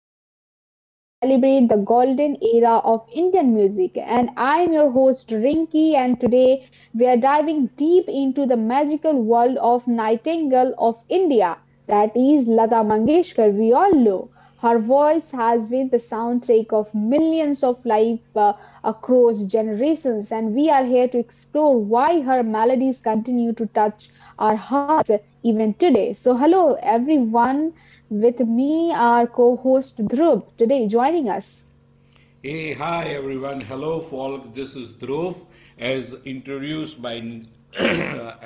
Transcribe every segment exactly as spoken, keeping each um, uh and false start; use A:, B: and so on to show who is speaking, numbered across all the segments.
A: podcast where we celebrate the golden era of Indian music. And I'm your host, Rinki, and today we are diving deep into the magical world of Nightingale of India, that is Lata Mangeshkar, we all know. Her voice has been the soundtrack of millions of life uh, across generations, and we are here to explore why her melodies continue to touch our hearts even today. So, hello everyone. With me, our co host Dhruv today joining us.
B: Hey, hi everyone. Hello, folk. This is Dhruv, as introduced by uh,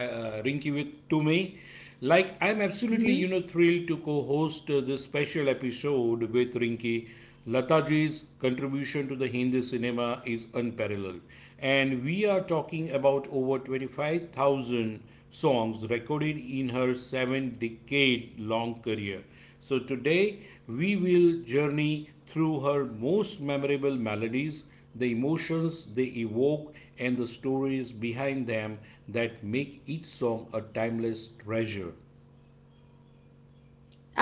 B: Rinky with to me. Like I'm absolutely, you
A: Mhm.
B: know, thrilled to co-host uh, this special episode with Rinky. Lataji's contribution to the Hindi cinema is unparalleled, and we are talking about over twenty-five thousand songs recorded in her seven-decade-long career. So today we will journey through her most memorable melodies, the emotions they evoke, and the stories behind them that make each song a timeless treasure.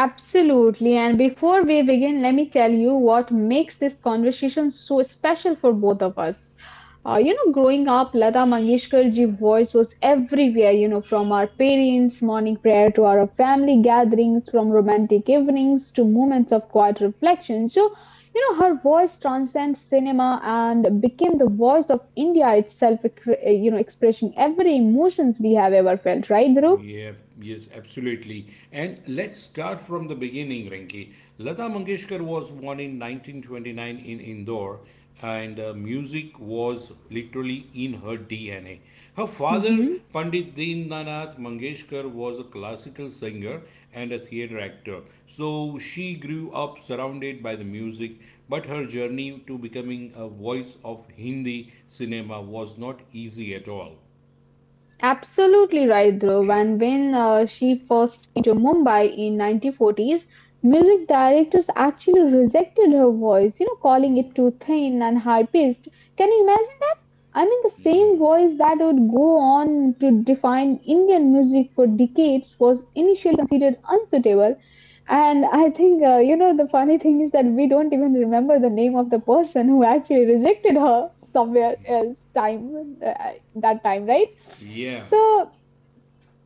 A: Absolutely. And before we begin, let me tell you what makes this conversation so special for both of us. Uh, you know, growing up, Lata Mangeshkarji's voice was everywhere, you know, from our parents' morning prayer to our family gatherings, from romantic evenings to moments of quiet reflection. So, you know, her voice transcends cinema and became the voice of India itself, ec- you know, expressing every emotions we have ever felt, right, Dhruv?
B: Yep, yes, absolutely. And let's start from the beginning, Rinki. Lata Mangeshkar was born in nineteen twenty-nine in Indore, and uh, music was literally in her D N A. Her father,
A: Mm-hmm.
B: Pandit Deenanath Mangeshkar, was a classical singer and a theater actor. So she grew up surrounded by the music, but her journey to becoming a voice of Hindi cinema was not easy at all.
A: Absolutely right, Dhruv. And when uh, she first came to Mumbai in nineteen forties, music directors actually rejected her voice, you know, calling
B: Mm.
A: it too thin and high pitched. Can you imagine that? I mean, the
B: Yeah.
A: same voice that would go on to define Indian music for decades was initially considered unsuitable. And I think, uh, you know, the funny thing is that we don't even remember the name of the person who actually rejected her somewhere else time uh, that time, right?
B: Yeah.
A: So,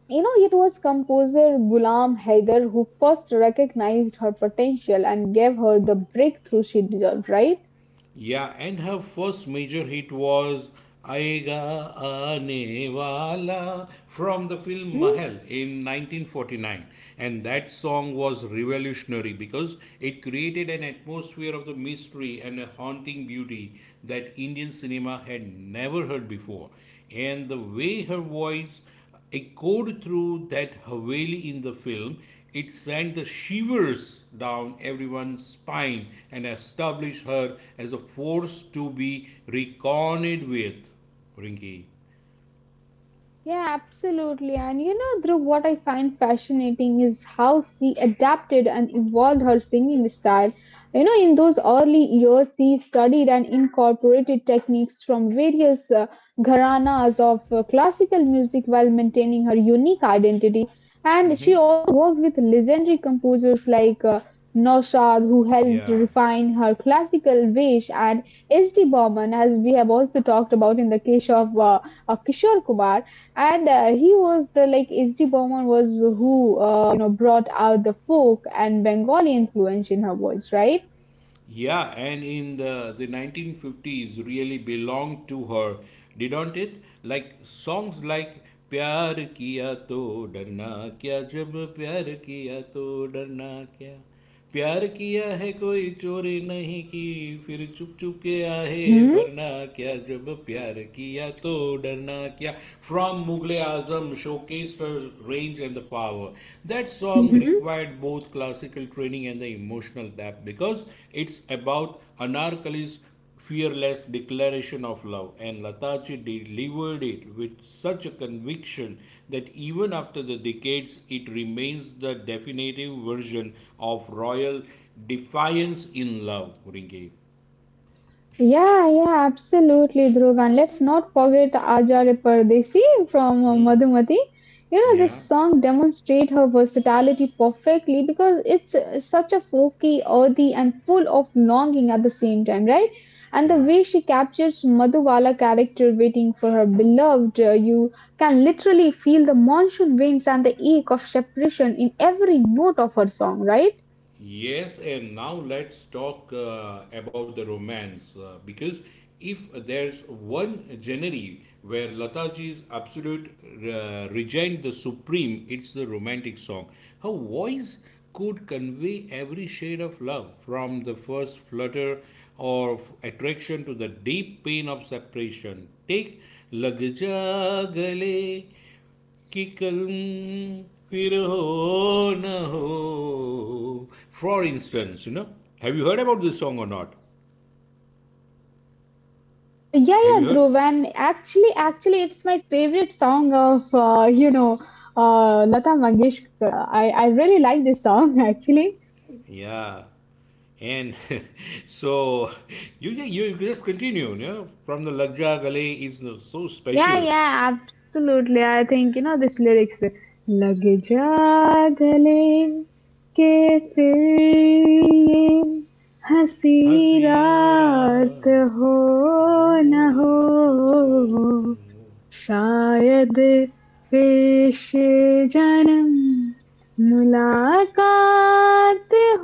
A: you know, it was composer Ghulam Haider who first recognized her potential and gave her the breakthrough she deserved, right?
B: Yeah, and her first major hit was Aega Aane Wala from the film
A: Mhm.
B: Mahal in nineteen forty-nine. And that song was revolutionary because it created an atmosphere of the mystery and a haunting beauty that Indian cinema had never heard before. And the way her voice echoed through that Haveli in the film, it sent the shivers down everyone's spine and established her as a force to be reckoned with. Rinki.
A: Yeah, absolutely. And you know, Dhruv, what I find fascinating is how she adapted and evolved her singing style. You know, in those early years, she studied and incorporated techniques from various uh, gharanas of uh, classical music while maintaining her unique identity. And
B: Mm-hmm.
A: she also worked with legendary composers like uh, Naushad, who helped
B: Yeah.
A: refine her classical ways, and S D. Burman, as we have also talked about in the case of, uh, of Kishore Kumar. And uh, he was the like H. D. Burman was who uh, you know brought out the folk and Bengali influence in her voice, right?
B: Yeah, and in the, the nineteen fifties really belonged to her, didn't it? Like songs like प्यार किया तो डरना क्या जब प्यार किया तो डरना क्या प्यार किया है कोई चोरी नहीं की फिर चुप चुप के आहे
A: Mm-hmm.
B: भरना क्या जब प्यार किया तो डरना क्या from Mughal-e Azam show showcased her range and the power. That song
A: Mm-hmm.
B: required both classical training and the emotional depth because it's about Anarkali's fearless declaration of love, and Lataji delivered it with such a conviction that even after the decades, it remains the definitive version of royal defiance in love. Rinki.
A: Yeah, yeah, absolutely, Dhruv. And let's not forget Ajare Pardesi from
B: Hmm.
A: uh, you know,
B: Yeah,
A: this song demonstrates her versatility perfectly because it's uh, such a folky, earthy, and full of longing at the same time, right? And the
B: yeah.
A: way she captures Madhuwala character waiting for her beloved, uh, you can literally feel the monsoon winds and the ache of separation in every note of her song, right?
B: Yes, and now let's talk uh, about the romance uh, because if there's one genre where Lataji's absolute uh, regained the supreme, it's the romantic song. Her voice could convey every shade of love from the first flutter of attraction to the deep pain of separation. Take Lag Ja Gale कि कल फिर हो न हो, for instance. You know, have you heard about this song or not?
A: Uh, yeah,
B: Have you
A: yeah,
B: heard?
A: Dhruv, and actually, actually, it's my favorite song of, uh, you know, uh, Lata Mangeshkar. Uh, I, I really like this song, actually.
B: Yeah, and so you just, you just continue, you know, from the Lagja Gale is so
A: Yeah,
B: special.
A: yeah, absolutely. I think you know this lyrics लग जा गले के फिर ये हंसी
B: Hasira.
A: रात हो न
B: Oh
A: हो
B: no.
A: शायद पेश जन्म मुलाकात हो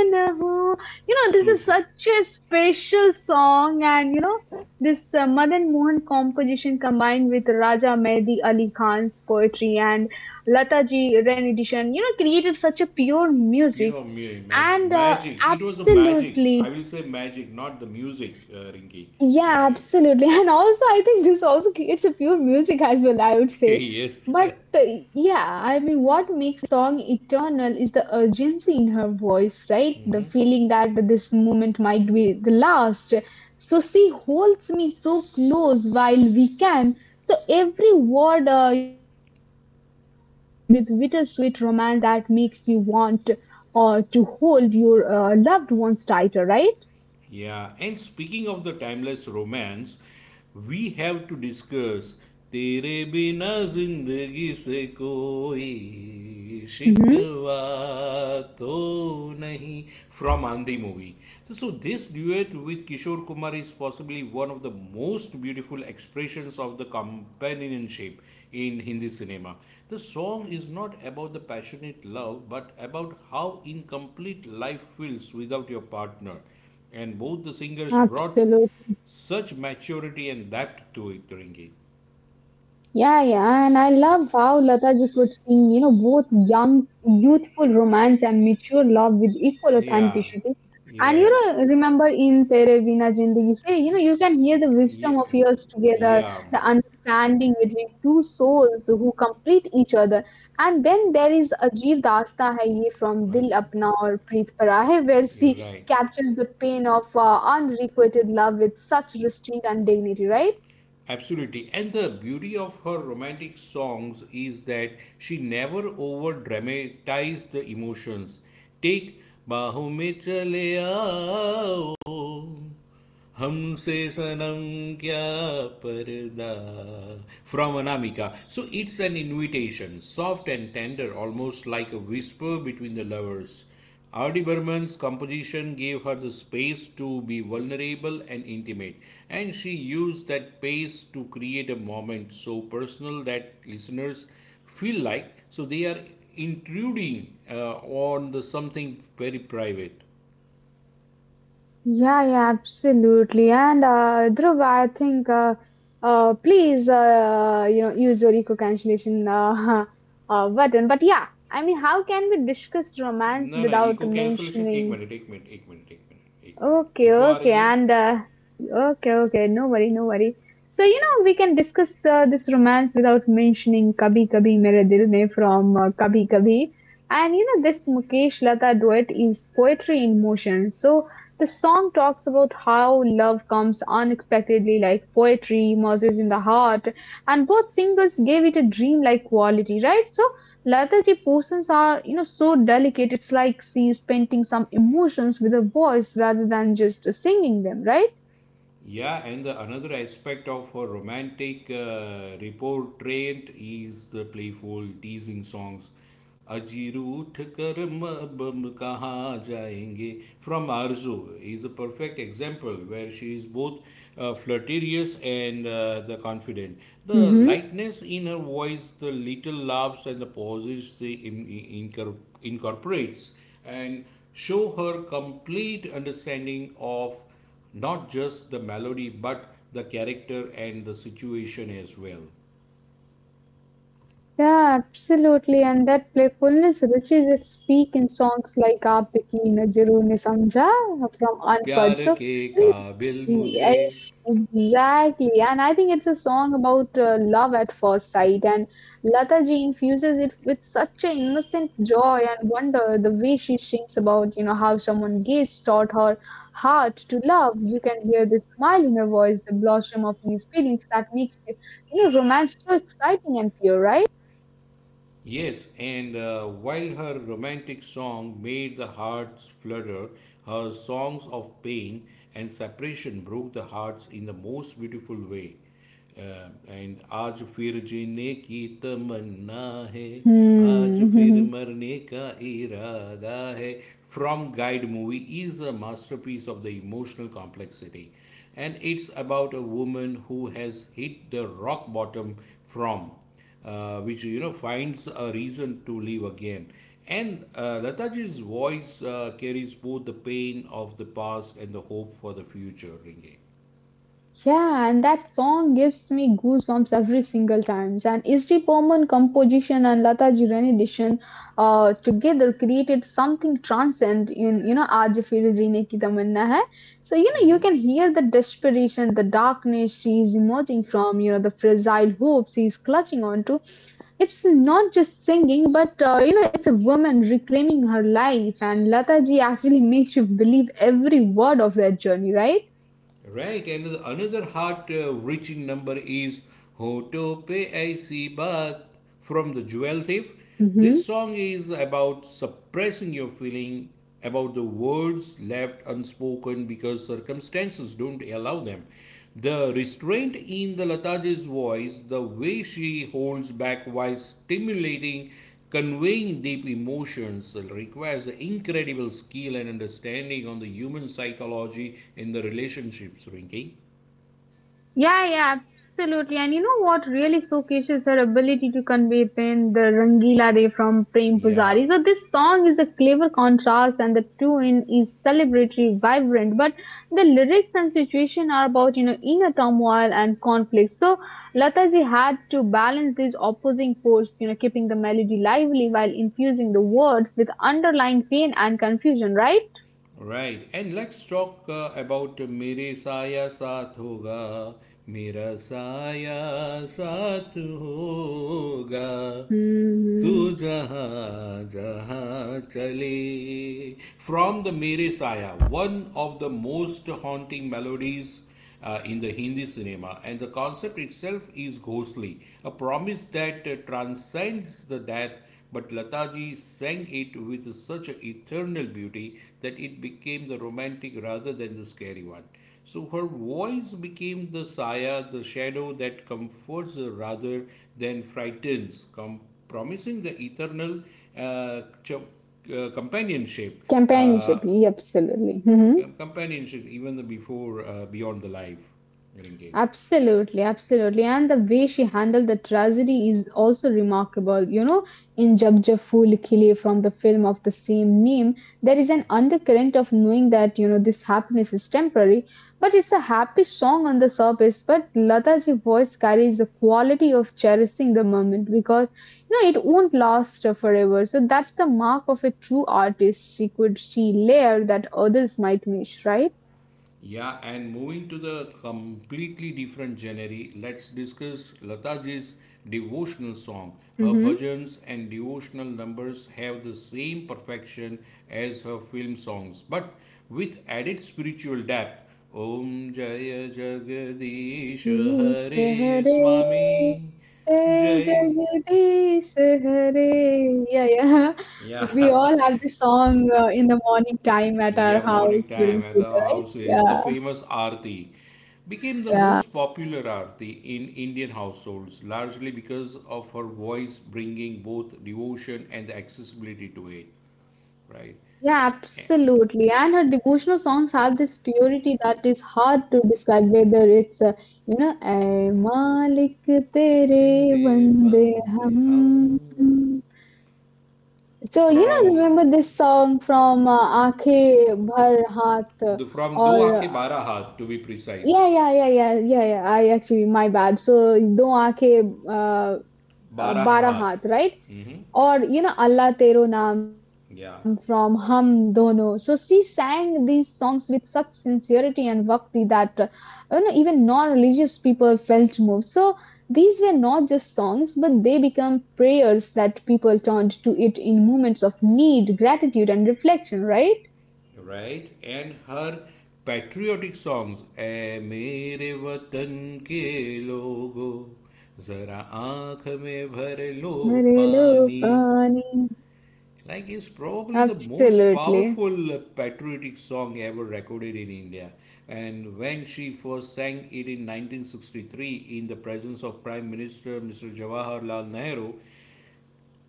A: ना हो, you know this is
B: Super.
A: such a special song and you know this uh, madan mohan composition combined with raja mehdi ali khan's poetry and lata ji rendition you know created such a pure
B: Pure
A: music
B: mu- magic.
A: and uh,
B: Magic it was. A magic,
A: absolutely
B: I will say, magic, not the music, uh, Rinki. Yeah,
A: yeah,
B: yeah.
A: absolutely. And also, I think this also creates a pure music as well, I would say.
B: Yes.
A: But uh, yeah, I mean, what makes this song eternal is the urgency in her voice, right? The feeling that this moment might be the last. So she holds me so close while we can. So every word, uh, you know, drips with bittersweet romance that makes you want uh, to hold your uh, loved ones tighter, right?
B: Yeah, and speaking of the timeless romance, we have to discuss तेरे बिना जिंदगी से कोई
A: Mm-hmm.
B: शिकवा तो नहीं from Andhi movie. So this duet with Kishore Kumar is possibly one of the most beautiful expressions of the companionship in Hindi cinema. The song is not about the passionate love but about how incomplete life feels without your partner, and both the singers brought
A: Absolutely.
B: such maturity and depth to it, Ringy.
A: Yeah, yeah, and I love how Lataji could sing, you know, both young, youthful romance and mature love with equal
B: Yeah,
A: authenticity.
B: you're
A: And you
B: right.
A: know, remember in Tere Veena Zindagi Se, you know, you can hear the
B: Yeah,
A: wisdom of years together,
B: yeah,
A: the understanding between two souls who complete each other. And then there is Ajeev Daasta Hai Ye from Dil
B: right.
A: Apna Aur Preet Para Hai, where
B: You're
A: she
B: right.
A: captures the pain of uh, unrequited love with such restraint and dignity, right?
B: Absolutely. And the beauty of her romantic songs is that she never over dramatized the emotions. Take बाहों में चले आओ हमसे सनम क्या पर्दा from Anamika. So it's an invitation, soft and tender, almost like a whisper between the lovers. Ardi Burman's composition gave her the space to be vulnerable and intimate, and she used that space to create a moment so personal that listeners feel like so they are intruding uh, on the something very private.
A: Yeah, yeah, absolutely. And uh, Dhruv, I think uh, uh, please, uh, you know, use your eco-cancellation uh, uh, button. But yeah, I mean, how can we discuss romance
B: ना ना
A: without
B: echo cancellation एक
A: mentioning
B: minute एक minute एक minute एक minute एक minute
A: okay,
B: echo आ
A: okay,
B: रही है.
A: and uh, okay, okay, no worry, no worry. So, you know, we can discuss uh, this romance without mentioning Kabhi Kabhi Mere Dil Mein from uh, Kabhi Kabhi. And you know, this Mukesh Lata duet is poetry in motion. So, the song talks about how love comes unexpectedly, like poetry, Moses in the heart, and both singers gave it a dreamlike quality, right? So, Lethargy potions are, you know, so delicate. It's like she's painting some emotions with her voice rather than just singing them, right?
B: Yeah, and the another aspect of her romantic uh, reportrait is the playful teasing songs. अजीरू उठ कर मबम कहाँ जाएंगे from Arzu is a perfect example where she is both uh, flirtatious and uh, the confident. The
A: Hmm.
B: lightness in her voice, the little laughs and the pauses she in, in, incor- incorporates and show her complete understanding of not just the melody but the character and the situation as well.
A: Yeah, absolutely. And that playfulness reaches its peak in songs like Aap Ki Nazaron Ne Samjha from
B: Pyar
A: Unpad. So,
B: ke kabil mujhe.
A: yes, exactly. And I think it's a song about uh, love at first sight. And Lata ji infuses it with such an innocent joy and wonder. The way she sings about, you know, how someone gaze taught her heart to love. You can hear the smile in her voice, the blossom of new feelings that makes, you know, romance so exciting and pure, right?
B: Yes, and uh, while her romantic song made the hearts flutter, her songs of pain and separation broke the hearts in the most beautiful way. Uh, and आज फिर जीने की तमन्ना है आज फिर
A: Hmm.
B: मरने का इरादा है from guide movie is a masterpiece of the emotional complexity, and it's about a woman who has hit the rock bottom from uh, which, you know, finds a reason to live again, and uh, Lataji's voice uh, carries both the pain of the past and the hope for the future, Ringing.
A: Yeah, and that song gives me goosebumps every single time. And S D Burman composition and Lata Ji Rani edition uh, together created something transcend in, you know, Aaj Fir Jeene Ki Tamanna Hai. So, you know, you can hear the desperation, the darkness she's emerging from, you know, the fragile hope she's clutching onto. It's not just singing, but, uh, you know, it's a woman reclaiming her life. And Lata Ji actually makes you believe every word of that journey, right?
B: Right, another, another heart uh, reaching number is Ho To Pe Aisi Baat from the Jewel Thief. This song is about suppressing your feeling, about the words left unspoken because circumstances don't allow them. The restraint in the Lataji's voice, the way she holds back while stimulating, conveying deep emotions requires incredible skill and understanding on the human psychology in the relationships, Rinky.
A: Yeah, yeah, absolutely. And you know what really showcases her ability to convey pain? The Rangila Ray from Prem
B: Yeah,
A: Pujari. So this song is a clever contrast and the tune is celebratory, vibrant, but the lyrics and situation are about, you know, inner turmoil and conflict. So Lataji had to balance these opposing forces, you know, keeping the melody lively while infusing the words with underlying pain and confusion, right?
B: right. And let's talk uh, about Mere Saya Saath Hoga, Mera Saya Saath Hoga. तू
A: Hmm.
B: जहाँ जहाँ चले from the Mere Saya, one of the most haunting melodies uh, in the Hindi cinema, and the concept itself is ghostly, a promise that uh, transcends the death. But Lataji sang it with such eternal beauty that it became the romantic rather than the scary one. So her voice became the saya, the shadow that comforts rather than frightens, com- promising the eternal uh, ch- uh, companionship. uh,
A: Companionship, yeah, absolutely. Hmm.
B: Com- companionship even the before uh, beyond the life, Rinke.
A: Absolutely, absolutely. And the way she handled the tragedy is also remarkable. You know, in Jab Jab Phool Khile from the film of the same name, there is an undercurrent of knowing that, you know, this happiness is temporary, but it's a happy song on the surface. But Lata's voice carries the quality of cherishing the moment because, you know, it won't last forever. So that's the mark of a true artist. She could, she layer that others might miss, right?
B: Yeah, and moving to the completely different genre, let's discuss Lataji's devotional song. Her
A: Mm-hmm.
B: bhajans and devotional numbers have the same perfection as her film songs but with added spiritual depth. Om Jaya Jagadish
A: Ish
B: Hare
A: Hare
B: Swami.
A: जय
B: Jai.
A: Jagadish Hare. Yeah, yeah. We
B: Yeah.
A: all have this song uh, in the morning time at our
B: Yeah,
A: house
B: morning time
A: during
B: at
A: puja,
B: the
A: right?
B: houses, the
A: Yeah,
B: famous aarti became the
A: yeah.
B: most popular aarti in Indian households, largely because of her voice bringing both devotion and the accessibility to it. Right?
A: Yeah, absolutely. And her devotional songs have this purity that is hard to describe, whether it's, uh, you know, Ay Malik Tere
B: तेरे
A: Bande
B: बंदे हम
A: Hum. So, you know,
B: from
A: remember this song from uh, Aankhein Bhar Haath
B: the from Do
A: or uh,
B: आंखें Bara हाथ, to be precise,
A: yeah, yeah, yeah, yeah, yeah, yeah. I actually my bad. So, do Aankhein uh, uh,
B: Bara
A: Bara
B: हाथ.
A: Haath, right? Or you know allah tero naam from
B: Yeah.
A: hum dono, so she sang these songs with such sincerity and bhakti that uh, you know even non-religious people felt moved, so these were not just songs but they become prayers that people turned to it in moments of need, gratitude and reflection, right?
B: Right, and her patriotic songs ए मेरे watan ke logo, zara आंख mein भर lo
A: Marelo
B: pani,
A: Pani.
B: like, is probably the most
A: Absolutely.
B: powerful uh, patriotic song ever recorded in India. And when she first sang it in nineteen sixty-three in the presence of Prime Minister Mister Jawaharlal Nehru,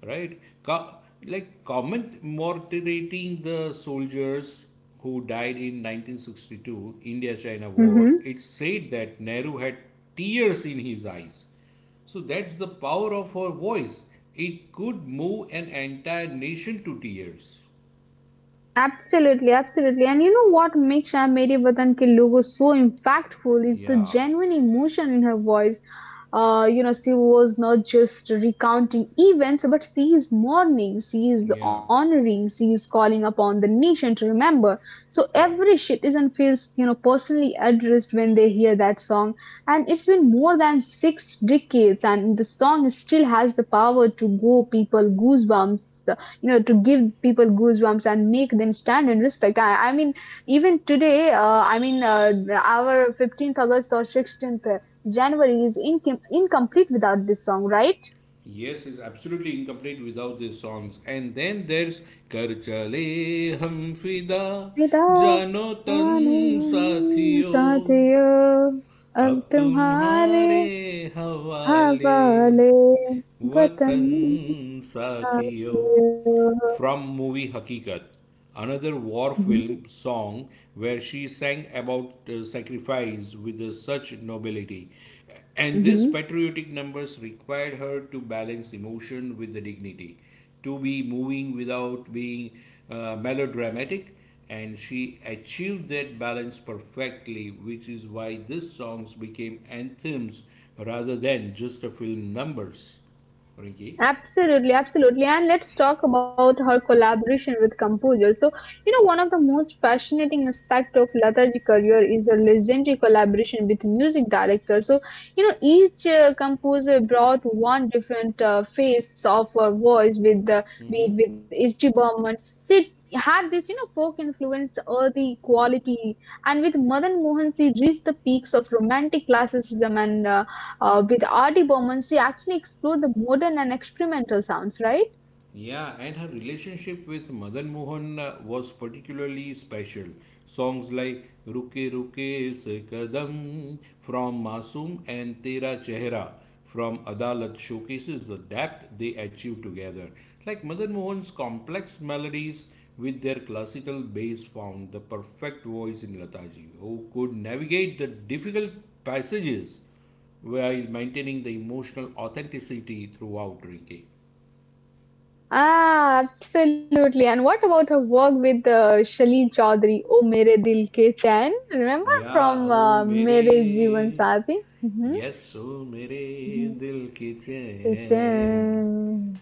B: right? Co- like commemorating the soldiers who died in nineteen sixty-two India-China War, it said that Nehru had tears in his eyes. So that's the power of her voice. It could move an entire nation to tears.
A: Absolutely, absolutely. And you know what makes Meri Vatan Ke Logo so impactful is the
B: Yeah,
A: genuine emotion in her voice. Uh, you know, she was not just recounting events, but she is mourning, she is
B: yeah,
A: honoring, she is calling upon the nation to remember. So
B: right.
A: every citizen feels, you know, personally addressed when they hear that song. And it's been more than six decades, and the song still has the power to go people goosebumps, you know, to give people goosebumps and make them stand in respect. I, I mean even today uh, i mean uh, our fifteenth of august or sixteenth of january is incom- incomplete without this song, right?
B: Yes, it's absolutely incomplete without these songs. And then there's Kar Chale Hum Fida
A: विदा
B: Jano Tan Sathiyo.
A: साथियों अब
B: अब
A: तुम्हारे
B: तुम्हारे हवाले
A: हवाले वतन
B: वतन साथियों
A: साथियों.
B: from movie Hakikat, another war
A: Mhm.
B: film song where she sang about uh, sacrifice with uh, such nobility. And these
A: Mhm.
B: patriotic numbers required her to balance emotion with the dignity, to be moving without being uh, melodramatic. And she achieved that balance perfectly, which is why these songs became anthems rather than just a film numbers. Rinki?
A: Absolutely, absolutely. And let's talk about her collaboration with composers. So, you know, one of the most fascinating aspect of Lata's career is her legendary collaboration with music directors. So, you know, each uh, composer brought one different uh, face of her voice with the
B: Mhm.
A: beat with H G. Burman. She had this, you know, folk influenced earthy quality, and with Madan Mohan, she reached the peaks of romantic classicism and uh, uh, with R D Burman, she actually explored the modern and experimental sounds, right?
B: Yeah, and her relationship with Madan Mohan uh, was particularly special. Songs like Ruke Ruke Se Kadam from Masoom and Tera Chehra from Adalat showcases the depth they achieved together. Like Madan Mohan's complex melodies with their classical bass found the perfect voice in Lataji, who could navigate the difficult passages while maintaining the emotional authenticity throughout, Rike.
A: Ah, absolutely. And what about her work with uh, Shaleel Chaudhary, O Mere Dil Ke Chain? Remember
B: या
A: from
B: O
A: uh,
B: मेरे.
A: Mere Jeevan Saathi?
B: Yes, ओ मेरे
A: Mm-hmm.
B: दिल की
A: Mm-hmm. Ke
B: chain.
A: Chain.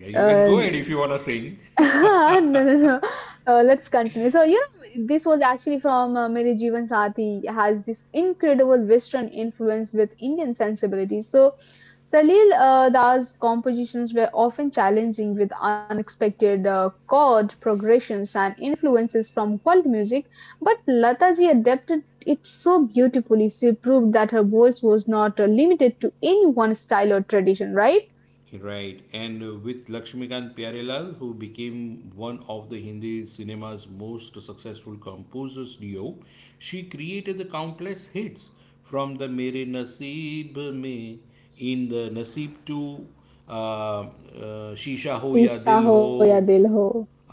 B: Yeah, you can
A: Uh,
B: go ahead if you want to sing.
A: no, no, no. Uh, let's continue. So, you know, this was actually from uh, Mere Jeevan Sathi has this incredible Western influence with Indian sensibilities. So, Salil uh, Da's compositions were often challenging with unexpected uh, chord progressions and influences from world music, but Lataji adapted it so beautifully. She proved that her voice was not uh, limited to any one style or tradition, right?
B: Right, and uh, with Lakshmikant Pyarelal, who became one of the Hindi cinema's most successful composers duo, she created the countless hits, from the Mere Naseeb Mein in the Naseeb to uh, uh, Shisha Ho Ya Dil
A: Tisa
B: Ho
A: ho ya dil ho.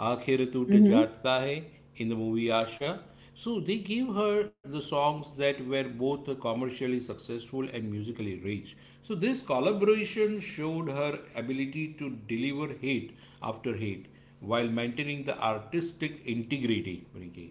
B: Aakhir Tu Te
A: Mm-hmm.
B: Jaata Hai in the movie Asha. So they gave her the songs that were both commercially successful and musically rich. So this collaboration showed her ability to deliver hit after hit while maintaining the artistic integrity. Rinki.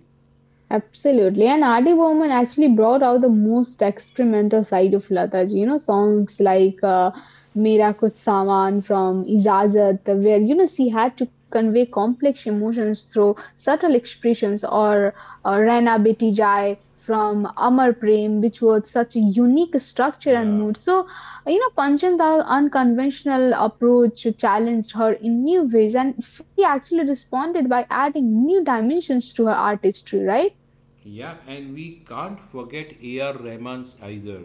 A: Absolutely. And Adi Burman actually brought out the most experimental side of Lataji. You know, songs like uh, Mera Kuch Saman from Ijazat, where, you know, she had to convey complex emotions through subtle expressions, or uh, Raina Beti Jai from Amar Prem, which was such a unique structure and
B: Yeah.
A: mood. So, you know, Panchanda's unconventional approach challenged her in new ways, and she actually responded by adding new dimensions to her artistry, right?
B: Yeah, and we can't forget A R. Rahman's either.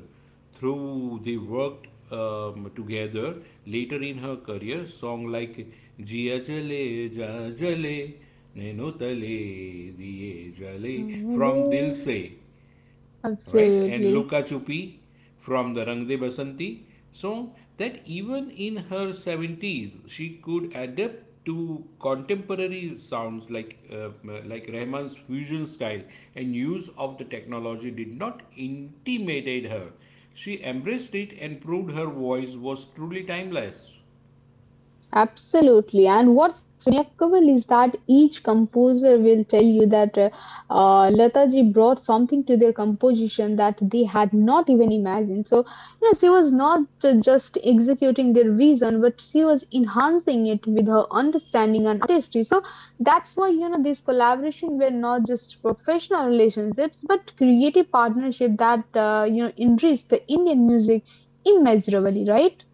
B: Through they worked um, together later in her career, song like Jia Jale Ja Jale Naino Tale Diye Jale from Dil
A: Really?
B: Se, right? And
A: Absolutely.
B: Luka Chupi from the Rang De Basanti. So that even in her seventies, she could adapt to contemporary sounds like uh, like Rahman's fusion style, and use of the technology did not intimidate her. She embraced it and proved her voice was truly timeless.
A: Absolutely. And what's remarkable is that each composer will tell you that uh, uh, Lata brought something to their composition that they had not even imagined. So, you know, she was not uh, just executing their vision, but she was enhancing it with her understanding and artistry. So that's why, you know, these collaboration were not just professional relationships, but creative partnership that, uh, you know, enriched the Indian music immeasurably, right?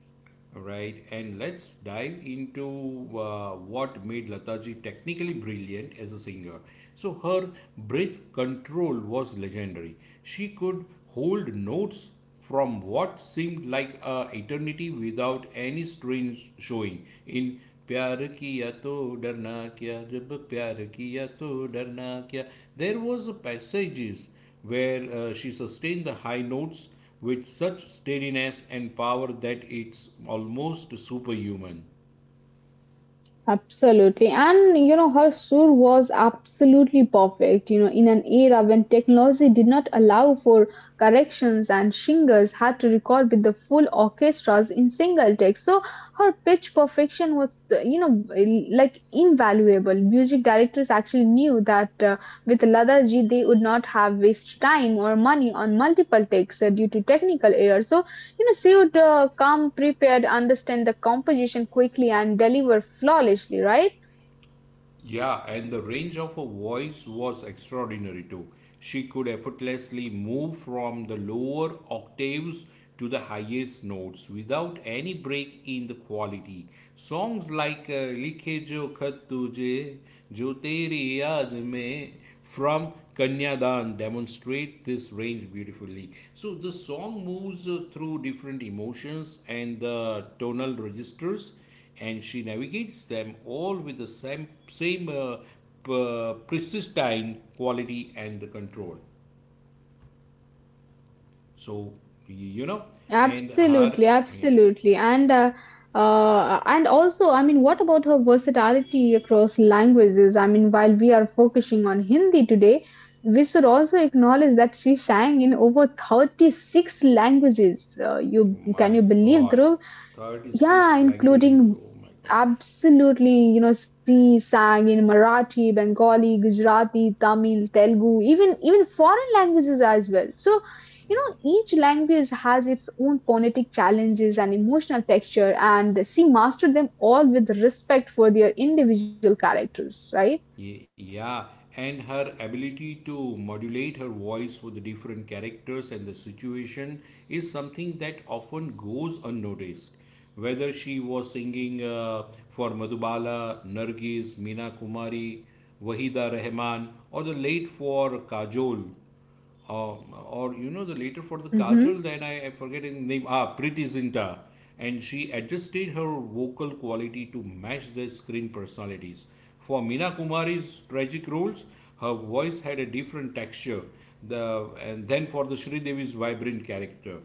B: Right, and let's dive into uh, what made Lataji technically brilliant as a singer. So, her breath control was legendary. She could hold notes from what seemed like a eternity without any strain showing. In प्यार किया तो डरना क्या जब प्यार किया तो डरना क्या there was a passages where uh, she sustained the high notes with such steadiness and power that it's almost superhuman.
A: Absolutely. And you know, her sur was absolutely perfect, you know, in an era when technology did not allow for corrections and singers had to record with the full orchestras in single take. So her pitch perfection was, uh, you know, like invaluable. Music directors actually knew that uh, with Ladaji they would not have wasted time or money on multiple takes uh, due to technical errors. So you know, she would uh, come prepared, understand the composition quickly, and deliver flawlessly, right?
B: Yeah, and the range of her voice was extraordinary too. She could effortlessly move from the lower octaves to the highest notes without any break in the quality. Songs like uh, Likhe Jo Khat Tujhe, Jo Teri Yaad Mein from Kanyadan demonstrate this range beautifully. So the song moves uh, through different emotions and the tonal registers, and she navigates them all with the same, same uh, p- pristine quality and the control. So, y- you know, and her,
A: Absolutely,
B: yeah,
A: absolutely, and uh, uh, and also, I mean, what about her versatility across languages? I mean, while we are focusing on Hindi today, we should also acknowledge that she sang in over thirty-six languages. Uh,
B: oh
A: you
B: my
A: can you believe,
B: God,
A: Dhruv?
B: thirty-six
A: Yeah,
B: languages, oh
A: including
B: my God.
A: absolutely, you know, she sang in Marathi, Bengali, Gujarati, Tamil, Telugu, even even foreign languages as well. So, you
B: Oh.
A: know, each language has its own phonetic challenges and emotional texture, and she mastered them all with respect for their individual characters, right?
B: Ye- Yeah, and her ability to modulate her voice for the different characters and the situation is something that often goes unnoticed. Whether she was singing uh, for Madhubala, Nargis, Meena Kumari, Wahida Rahman, or the late for Kajol, um, or you know the later for the kajal that I, I forget his name, ah, Priti Zinta, and she adjusted her vocal quality to match their screen personalities. For Meena Kumari's tragic roles, her voice had a different texture. The and then for the Sridevi's vibrant character.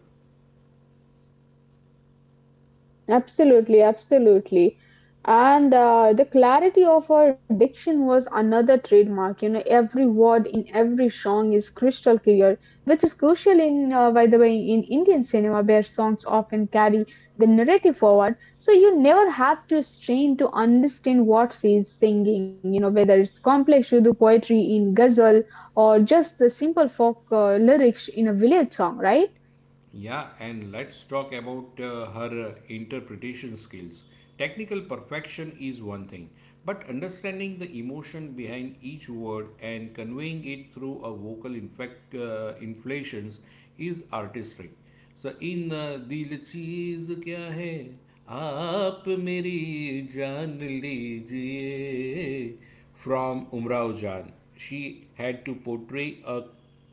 A: Absolutely, absolutely. And uh, the clarity of her diction was another trademark. You know, every word in every song is crystal clear, which is crucial in, uh, by the way, in Indian cinema where songs often carry the narrative forward. So you never have to strain to understand what she is singing. You know, whether it's complex Urdu poetry in ghazal or just the simple folk uh, lyrics in a village song, right?
B: Yeah, and let's talk about uh, her uh, interpretation skills. Technical perfection is one thing, but understanding the emotion behind each word and conveying it through a vocal infect, uh, inflations is artistic. So, in uh, दिल चीज क्या है आप मेरी जान लीजिए from Umrao Jan. She had to portray a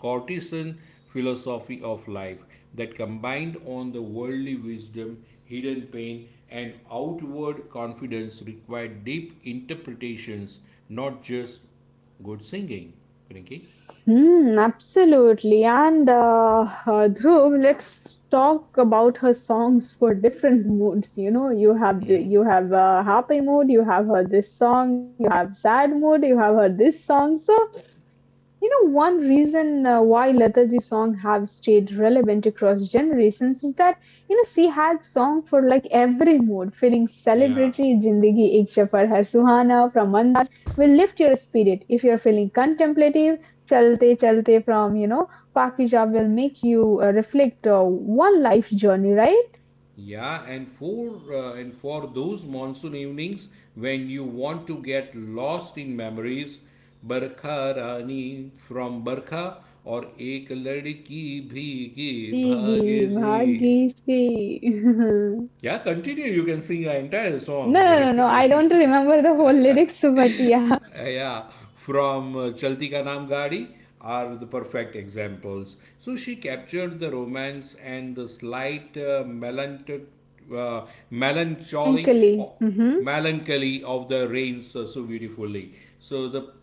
B: Cortesian philosophy of life that combined on the worldly wisdom, hidden pain, and outward confidence required deep interpretations, not just good singing. Rinki?
A: Hmm, absolutely. And uh, uh, Dhruv, let's talk about her songs for different moods. You know, you have the- you have a happy mood, you have her this song, you have sad mood, you have her this song. So, you know, one reason uh, why Lataji song have stayed relevant across generations is that you know she had song for like every mood, feeling
B: Yeah,
A: celebratory, Zindagi Ek Safar Hai Suhana from will lift your spirit. If you're feeling contemplative, Chalte Chalte from, you know, Pakija will make you uh, reflect uh, one life journey, right?
B: yeah, and for uh, and for those monsoon evenings when you want to get lost in memories, Barkha Rani from Barkha or Ek Ladki Bhigi
A: Bhigi
B: Bhage Se.
A: Bhagi Si. no,
B: Yeah, continue. You can sing an entire
A: no,
B: song.
A: no, no. I don't remember the whole lyrics, but yeah,
B: Yeah, from uh, Chalti Ka Naam Gaadi are the perfect examples. So she captured the romance and the slight uh, melanch- uh, melancholy, oh,
A: melancholy. Mhm.
B: melancholy of the rains uh, so beautifully. So the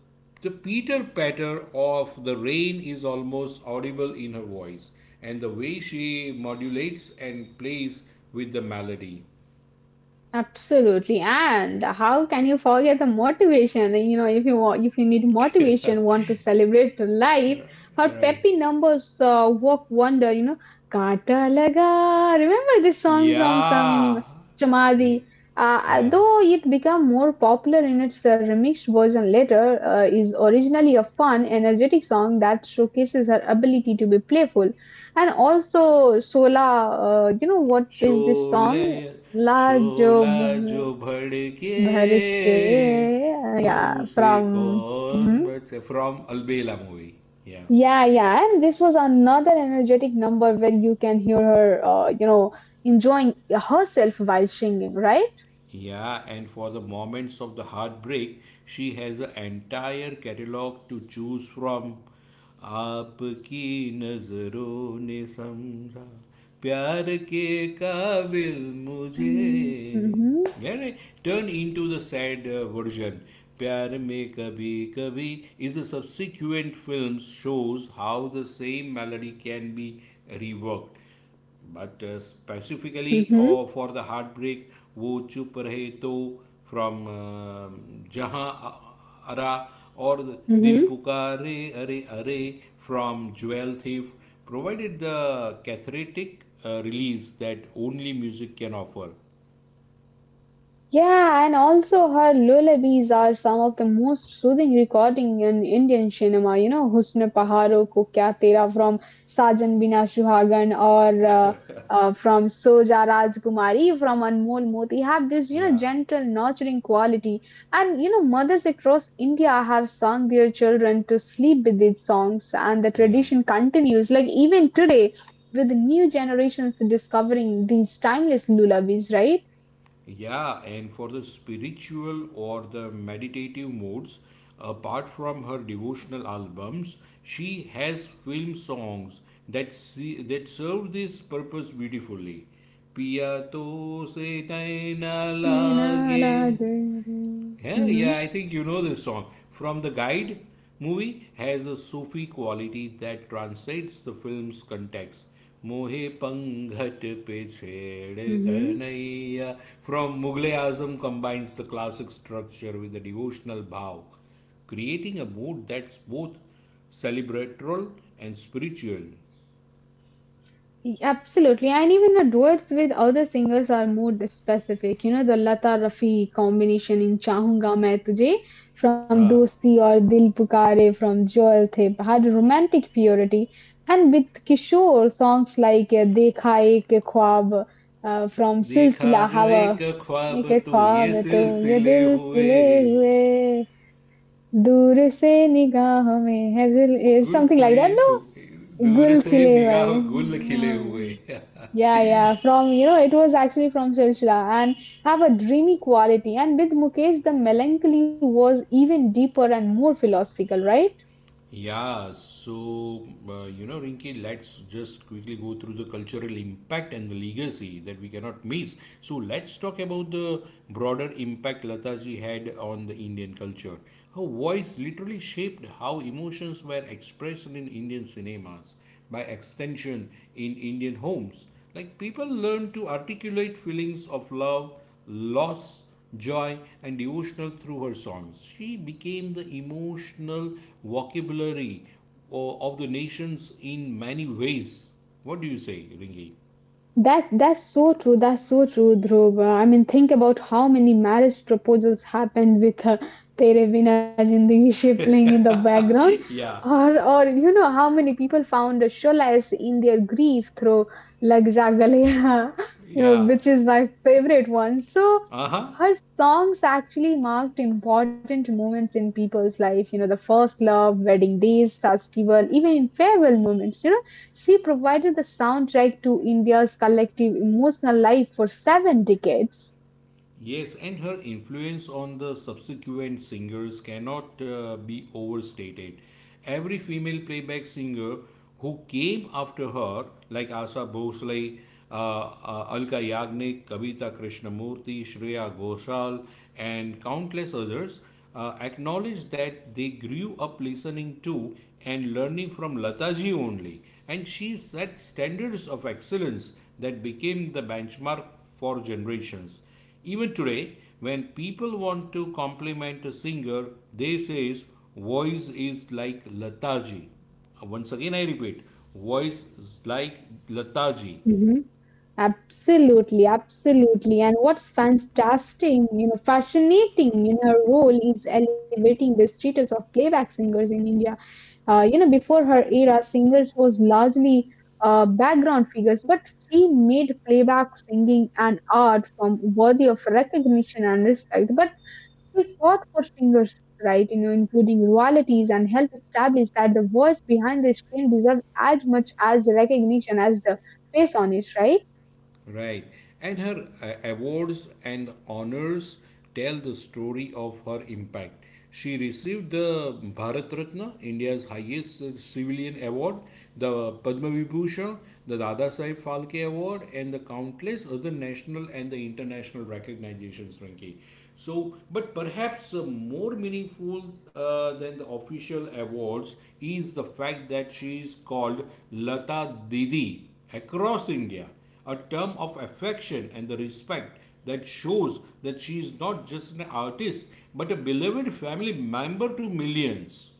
B: the pitter patter of the rain is almost audible in her voice, and the way she modulates and plays with the melody.
A: Absolutely. And how can you forget the motivation? You know, if you want, if you need motivation, want to celebrate life, her
B: Right.
A: peppy numbers uh, work wonder. You know, Kata Laga. Remember this song from some
B: Yeah.
A: chamadi. Uh,
B: Yeah.
A: though it became more popular in its uh, remixed version later, uh, is originally a fun, energetic song that showcases her ability to be playful. And also, Sola, uh, you know what is this
B: Sholay
A: song? ला जो
B: शोला
A: भर
B: जो भड़के
A: भर के
B: तो
A: yeah
B: उसे
A: from
B: कौन
A: hmm?
B: बचे फ्रॉम अलबेला मूवी या.
A: Yeah, yeah, and this was another energetic number where you can hear her uh, you know enjoying herself while singing, right?
B: Yeah, and for the moments of the heartbreak, she has an entire catalog to choose from. आपकी नजरों ने समझा प्यार के काबिल
A: Mm-hmm.
B: मुझे.
A: Mm-hmm.
B: Then turn into the sad uh, version. प्यार में कभी कभी is a subsequent film shows how the same melody can be reworked. But specifically or
A: Mm-hmm.
B: for the heartbreak, वो चुप रहे तो from जहाँ आ रहा और दिल
A: Mm-hmm.
B: पुकारे अरे अरे from jewel थे provided the cathartic release that only music can offer.
A: Yeah, and also her lullabies are some of the most soothing recording in Indian cinema. You know, Husn Paharon Ko Kya Tera from Sajan Bina Suhagan or uh, uh, from Soja Rajkumari from Anmol Moti have this, you know,
B: Yeah,
A: gentle, nurturing quality. And, you know, mothers across India have sung their children to sleep with these songs, and the
B: yeah.
A: tradition continues, like even today, with new generations discovering these timeless lullabies, right?
B: Yeah, and for the spiritual or the meditative modes, apart from her devotional albums, she has film songs that see, that serve this purpose beautifully. पिया se से नैना
A: And all
B: लागे.
A: are there.
B: Yeah,
A: Mhm,
B: yeah, I think you know this song. From the Guide movie has a Sufi quality that translates the film's context. Mohe Panghat Pe Chhed
A: mhm.
B: Kanaiya from Mughal Azam combines the classic structure with the devotional bhav, creating a mood that's both celebratory and spiritual.
A: E- Absolutely. And even the duets with other singers are more specific. You know, the Lata Rafi combination in Chahunga Main Tujhe from
B: हाँ
A: Dosti or Dil Pukare from Joel Thep had romantic purity. And with Kishore, songs like uh, Dekha Ek Khwab uh, from
B: देखा
A: Silsila
B: जो एक
A: Hawa,
B: ख्वाब
A: Ek
B: तो
A: Khwab
B: ये
A: Tu Ye
B: सिलसिले
A: Dil
B: हुए
A: Khile Hue. दूर से निगाहों में है दिल is
B: गुल
A: something like
B: खिले
A: that,
B: हुए
A: no?
B: दूर
A: Gul
B: से
A: khile
B: निगाह गुल खिले हुए.
A: hue. Yeah, yeah. From you know, it was actually from Silsila and have a dreamy quality. And with Mukesh, the melancholy was even deeper and more philosophical, right?
B: Yeah, so uh, you know, Rinky, let's just quickly go through the cultural impact and the legacy that we cannot miss. So let's talk about the broader impact Lataji had on the Indian culture. Her voice literally shaped how emotions were expressed in Indian cinemas, by extension, in Indian homes. Like people learn to articulate feelings of love, loss, joy, and devotional through her songs. She became the emotional vocabulary o- of the nations in many ways. What do you say, Ringi?
A: That's that's so true. That's so true, Dhruv. Uh, I mean, think about how many marriage proposals happened with uh, "Tere Bina Zindagi" she playing in the background,
B: Yeah.
A: or or you know how many people found solace in their grief through "Lag Ja Galeya," you know,
B: Yeah.
A: which is my favorite one. So
B: Uh huh.
A: her songs actually marked important moments in people's life. You know, the first love, wedding days, festival, even in farewell moments. You know she provided the soundtrack to India's collective emotional life for seven decades.
B: Yes, and her influence on the subsequent singers cannot uh, be overstated. Every female playback singer who came after her, like Asha Bhosle, uh, uh, Alka Yagnik, Kavita Krishnamurti, Shreya Ghoshal, and countless others, uh, acknowledged that they grew up listening to and learning from Lataji only. And she set standards of excellence that became the benchmark for generations. Even today, when people want to compliment a singer, they says voice is like Lataji. Uh, Once again, I repeat, voice is like Lataji.
A: Hmm. Absolutely, absolutely. And what's fantastic, you know, fascinating in her role is elevating the status of playback singers in India. Uh, you know, before her era, singers was largely uh, background figures, but she made playback singing an art form worthy of recognition and respect. But she fought for singers' rights, you know, including royalties, and helped establish that the voice behind the screen deserved as much as recognition as the face on it, right?
B: Right. And her uh, awards and honors tell the story of her impact. She received the Bharat Ratna, India's highest uh, civilian award, the Padma Vibhushan, the Dada Saheb Phalke Award, and the countless other national and the international recognitions, Frankie. So, but perhaps uh, more meaningful uh, than the official awards is the fact that she is called Lata Didi across India, a term of affection and the respect that shows that she is not just an artist but a beloved family member to millions.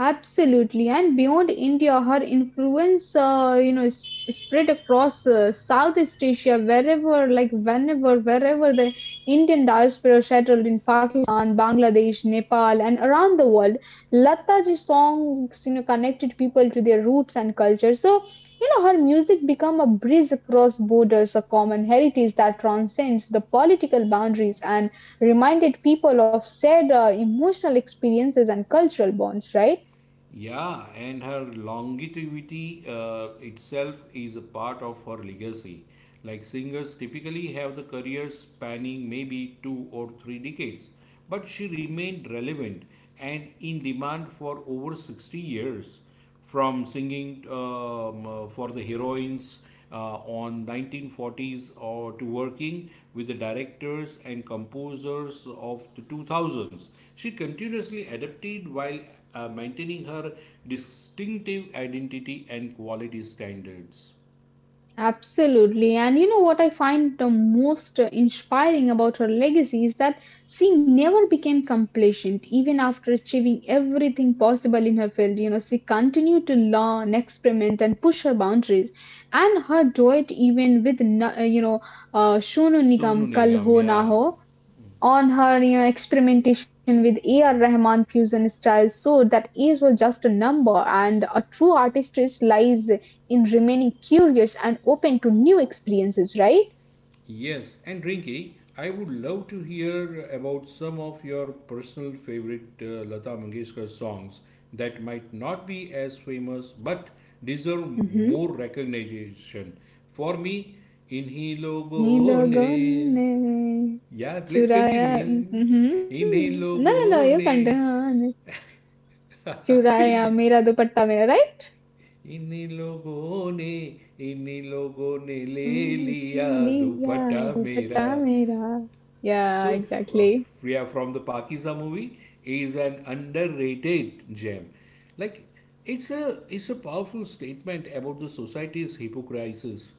A: Absolutely, and beyond India, her influence, uh, you know, is is spread across uh, Southeast Asia, wherever, like whenever, wherever the Indian diaspora settled in Pakistan, Bangladesh, Nepal, and around the world, Lata's songs, you know, connected people to their roots and culture. So, you know, her music became a bridge across borders, a common heritage that transcends the political boundaries and reminded people of shared uh, emotional experiences and cultural bonds. Right?
B: Yeah, and her longevity uh, itself is a part of her legacy. Like singers typically have the careers spanning maybe two or three decades, but she remained relevant and in demand for over sixty years, from singing um, uh, for the heroines uh, on nineteen forties or to working with the directors and composers of the two thousands. She continuously adapted while uh, maintaining her distinctive identity and quality standards.
A: Absolutely. And you know what I find the most uh, inspiring about her legacy is that she never became complacent, even after achieving everything possible in her field. You know, she continued to learn, experiment, and push her boundaries. And her duet, even with, Na- uh, you know, uh, Shono
B: Sonu
A: Nigam Kal
B: Nigam,
A: Ho Na
B: yeah.
A: Ho, on her you know experimentation with A R. Rahman fusion styles so that age was just a number and a true artistry lies in remaining curious and open to new experiences, right?
B: Yes, and Rinki, I would love to hear about some of your personal favorite uh, Lata Mangeshkar songs that might not be as famous but deserve
A: Mm-hmm.
B: more recognition. For me, Inhi
A: Ne
B: Logo
A: logon
B: Ne.
A: ne
B: Yeah, please
A: churaya.
B: continue.
A: Mm-hmm.
B: Inhi
A: No, no, no. You
B: Logo
A: can't.
B: Ne.
A: "Ne Churaya, mera dupatta mera, right?
B: इन्हीं लोगों ने इन्हीं लोगों ने ले लिया
A: "तूने लिया
B: दुपट्टा मेरा.
A: dupatta, मेरा." Yeah,
B: So, f- uh,
A: exactly.
B: Freya from the Pakiza movie is an underrated gem. Like, it's a it's a powerful statement about the society's hypocrisies,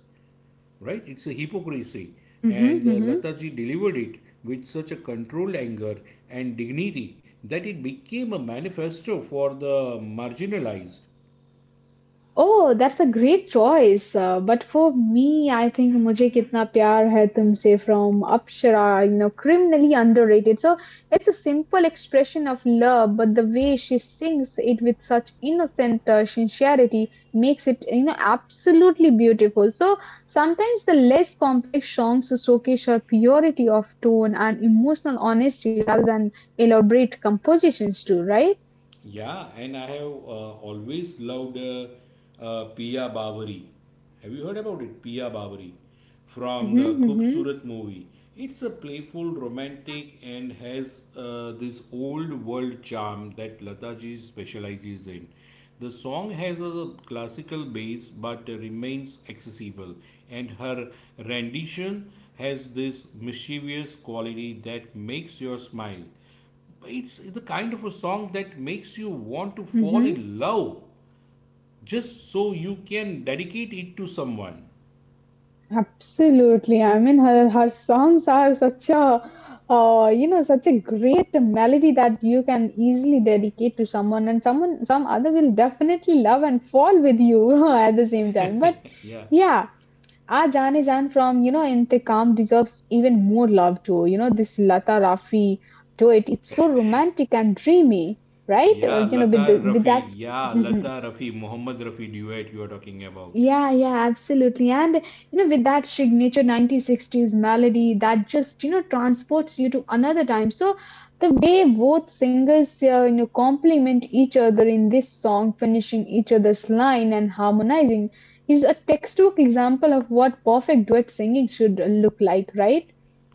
B: right? It's a hypocrisy,
A: Mm-hmm,
B: and uh,
A: mm-hmm.
B: Lataji delivered it with such a controlled anger and dignity that it became a manifesto for the marginalized.
A: Oh, that's a great choice. Uh, but for me, I think "Mujhe Kitna Pyar Hai Tumse" from Apsara, you know, criminally underrated. So it's a simple expression of love, but the way she sings it with such innocent uh, sincerity makes it, you know, absolutely beautiful. So sometimes the less complex songs showcase her purity of tone and emotional honesty rather than elaborate compositions too, right?
B: Yeah, and I have uh, always loved uh, uh, Pia Bawari. Have you heard about it? Pia Bawari from
A: Hmm,
B: the
A: hmm,
B: Khubsurat movie. It's a playful, romantic, and has uh, this old world charm that Lataji specializes in. The song has a classical bass but remains accessible, and her rendition has this mischievous quality that makes you smile. It's the kind of a song that makes you want to fall
A: hmm.
B: in love just so you can dedicate it to someone.
A: Absolutely. I mean, her her songs are such a uh, you know such a great melody that you can easily dedicate to someone, and someone some other will definitely love and fall with you at the same time. But
B: Yeah.
A: yeah, Aa Jaane Jaan from you know Intikam deserves even more love too. You know this Lata Rafi duet. It's so romantic and dreamy, right?
B: Yeah,
A: Uh, you know with
B: Lata
A: the, with
B: Rafi.
A: that.
B: Yeah, Lata Rafi, Muhammad Rafi duet you are talking about.
A: Yeah, yeah, absolutely. And you know, with that signature nineteen sixties melody that just, you know, transports you to another time. So the way both singers, uh, you know, complement each other in this song, finishing each other's line and harmonizing is a textbook example of what perfect duet singing should look like, right?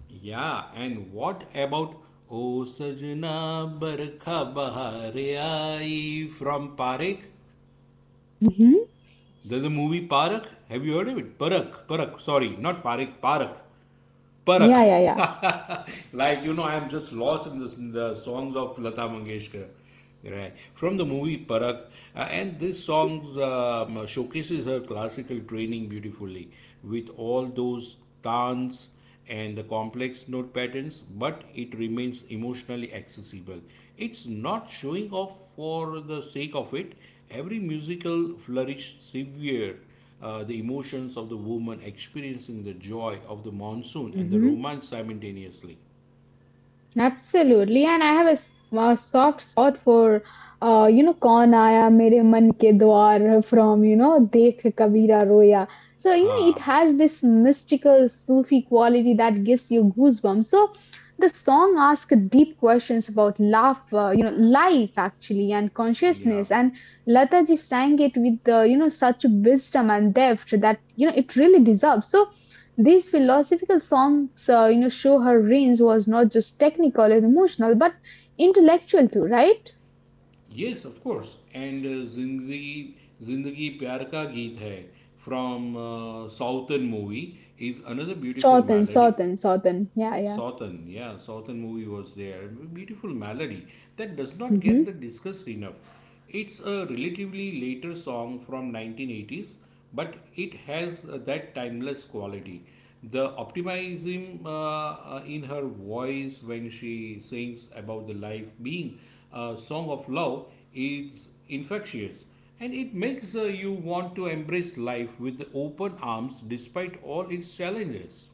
B: Yeah, and what about O Sajna Barkha Bahar Aayi from Parak?
A: Hmm.
B: There's a movie Parak. Have you heard of it? Parak, Parak. Sorry, not Parak, Parak. Parak,
A: Yeah, yeah, yeah.
B: like you know, I'm just lost in, this, in the songs of Lata Mangeshkar, right? From the movie Parak, uh, and this
A: Hmm.
B: song um, showcases her classical training beautifully, with all those dance and the complex note patterns. But it remains emotionally accessible. It's not showing off for the sake of it. Every musical flourish severe uh, the emotions of the woman experiencing the joy of the monsoon and the
A: Mhm.
B: romance simultaneously.
A: Absolutely, and I have a, s- a soft spot for, uh, you know, कौन आया Mere Man के Dwar, from, you know, Dekh Kabira Roya. So, you know, it
B: हाँ
A: has this mystical Sufi quality that gives you goosebumps. So, the song asks deep questions about love, uh, you know, life actually, and
B: या
A: consciousness. And Lata ji sang it with, uh, you know, such wisdom and depth that, you know, it really deserves. So, these philosophical songs, uh, you know, show her range was not just technical and emotional, but intellectual too, right?
B: Yes of course and जिंदगी जिंदगी प्यार का गीत है from southern movie is another beautiful
A: Shorten,
B: melody.
A: shorten, shorten. Yeah, yeah.
B: Southern, yeah, Southern movie was there. Beautiful melody that does not get the
A: Mhm.
B: discussed enough. It's a relatively later song from nineteen eighties, but it has uh, that timeless quality. The optimism uh, uh, in her voice when she sings about the life being a song of love is infectious, and it makes uh, you want to embrace life with open arms despite all its challenges.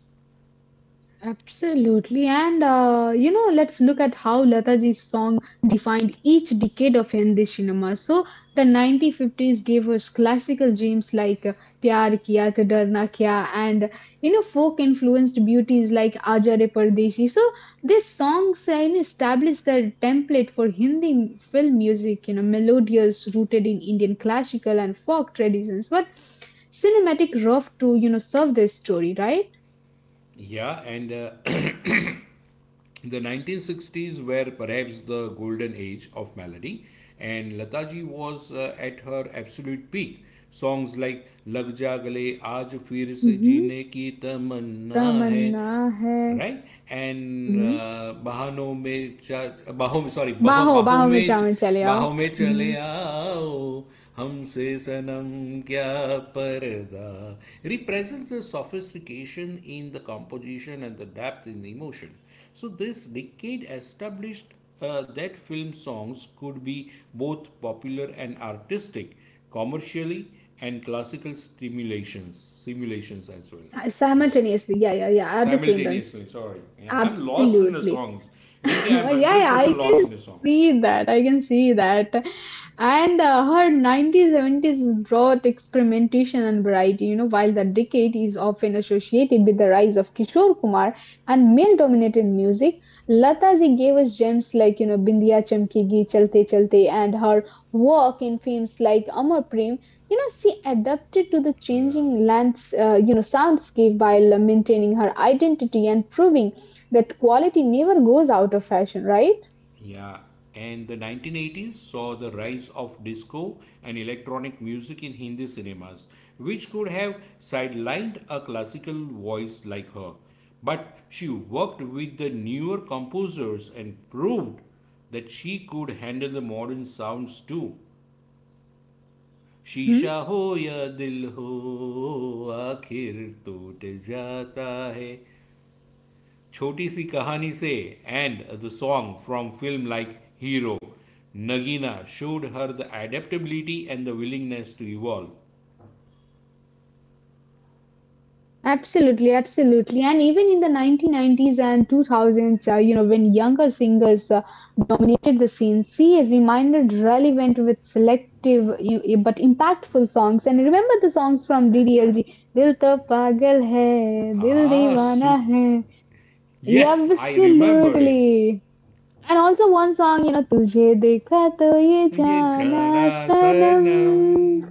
A: Absolutely. And, uh, you know, let's look at how Lataji's song defined each decade of Hindi cinema. So the nineteen fifties gave us classical gems like uh, Pyar Kiya Te Darna Kya and, you know, folk influenced beauties like Aaja Re Pardeshi. So these songs, uh, you know, established their template for Hindi film music, you know, melodious, rooted in Indian classical and folk traditions, but cinematic rough to, you know, serve this story, right?
B: Yeah, and uh, The nineteen sixties were perhaps the golden age of melody, and Lataji was uh, at her absolute peak. Songs like Lag Ja Gale, Aaj Fir Se Jeene Ki Tamanna Hai,
A: तमन्ना है
B: right? And
A: hmm,
B: uh, Bahano Mein Cha, Baho Me," sorry, Baho,
A: बाहो
B: Baho
A: बाहो में
B: Me,"
A: चावन चले आओ
B: Baho Me Chale
A: hmm,
B: Aao, Humse Sanam Kya Parda represents the sophistication in the composition and the depth in the emotion. So, this decade established uh, that film songs could be both popular and artistic, commercially and classical stimulations, simulations as well. Right.
A: simultaneously, yeah, yeah, yeah, at the same time.
B: Simultaneously, sorry. Yeah, I'm lost in the
A: Absolutely.
B: songs. Rinky,
A: Yeah,
B: I'm
A: yeah.
B: one hundred percent lost in the song.
A: See
B: Yeah.
A: that. I can see that. And uh, her nineteen seventies brought experimentation and variety, you know, while the decade is often associated with the rise of Kishore Kumar and male dominated music. Lataji gave us gems like, you know, Bindiya Chamkegi, Chalte Chalte, and her work in films like Amar Prem. You know, she adapted to the
B: Yeah.
A: changing lands, uh, you know, soundscape, while maintaining her identity and proving that quality never goes out of fashion, right?
B: Yeah, and the nineteen eighties saw the rise of disco and electronic music in Hindi cinemas, which could have sidelined a classical voice like her. But she worked with the newer composers and proved that she could handle the modern sounds too. शीशा हो या दिल हो आखिर टूट जाता है Choti Si Kahani Se and the song from film like Hero, Nagina showed her the adaptability and the willingness to evolve.
A: Absolutely, absolutely. And even in the nineteen nineties and two thousands, uh, you know, when younger singers uh, dominated the scene, she reminded relevant with selective y- y- but impactful songs. And remember the songs from D D L G, Dil to pagal hai, dil
B: Ah,
A: deewana
B: soup.
A: hai. Yeah,
B: Yes, I remember it.
A: absolutely. And also one song, you know, Tujhe Dekha To Ye
B: ये
A: Jana
B: जाना सनम
A: Sanam,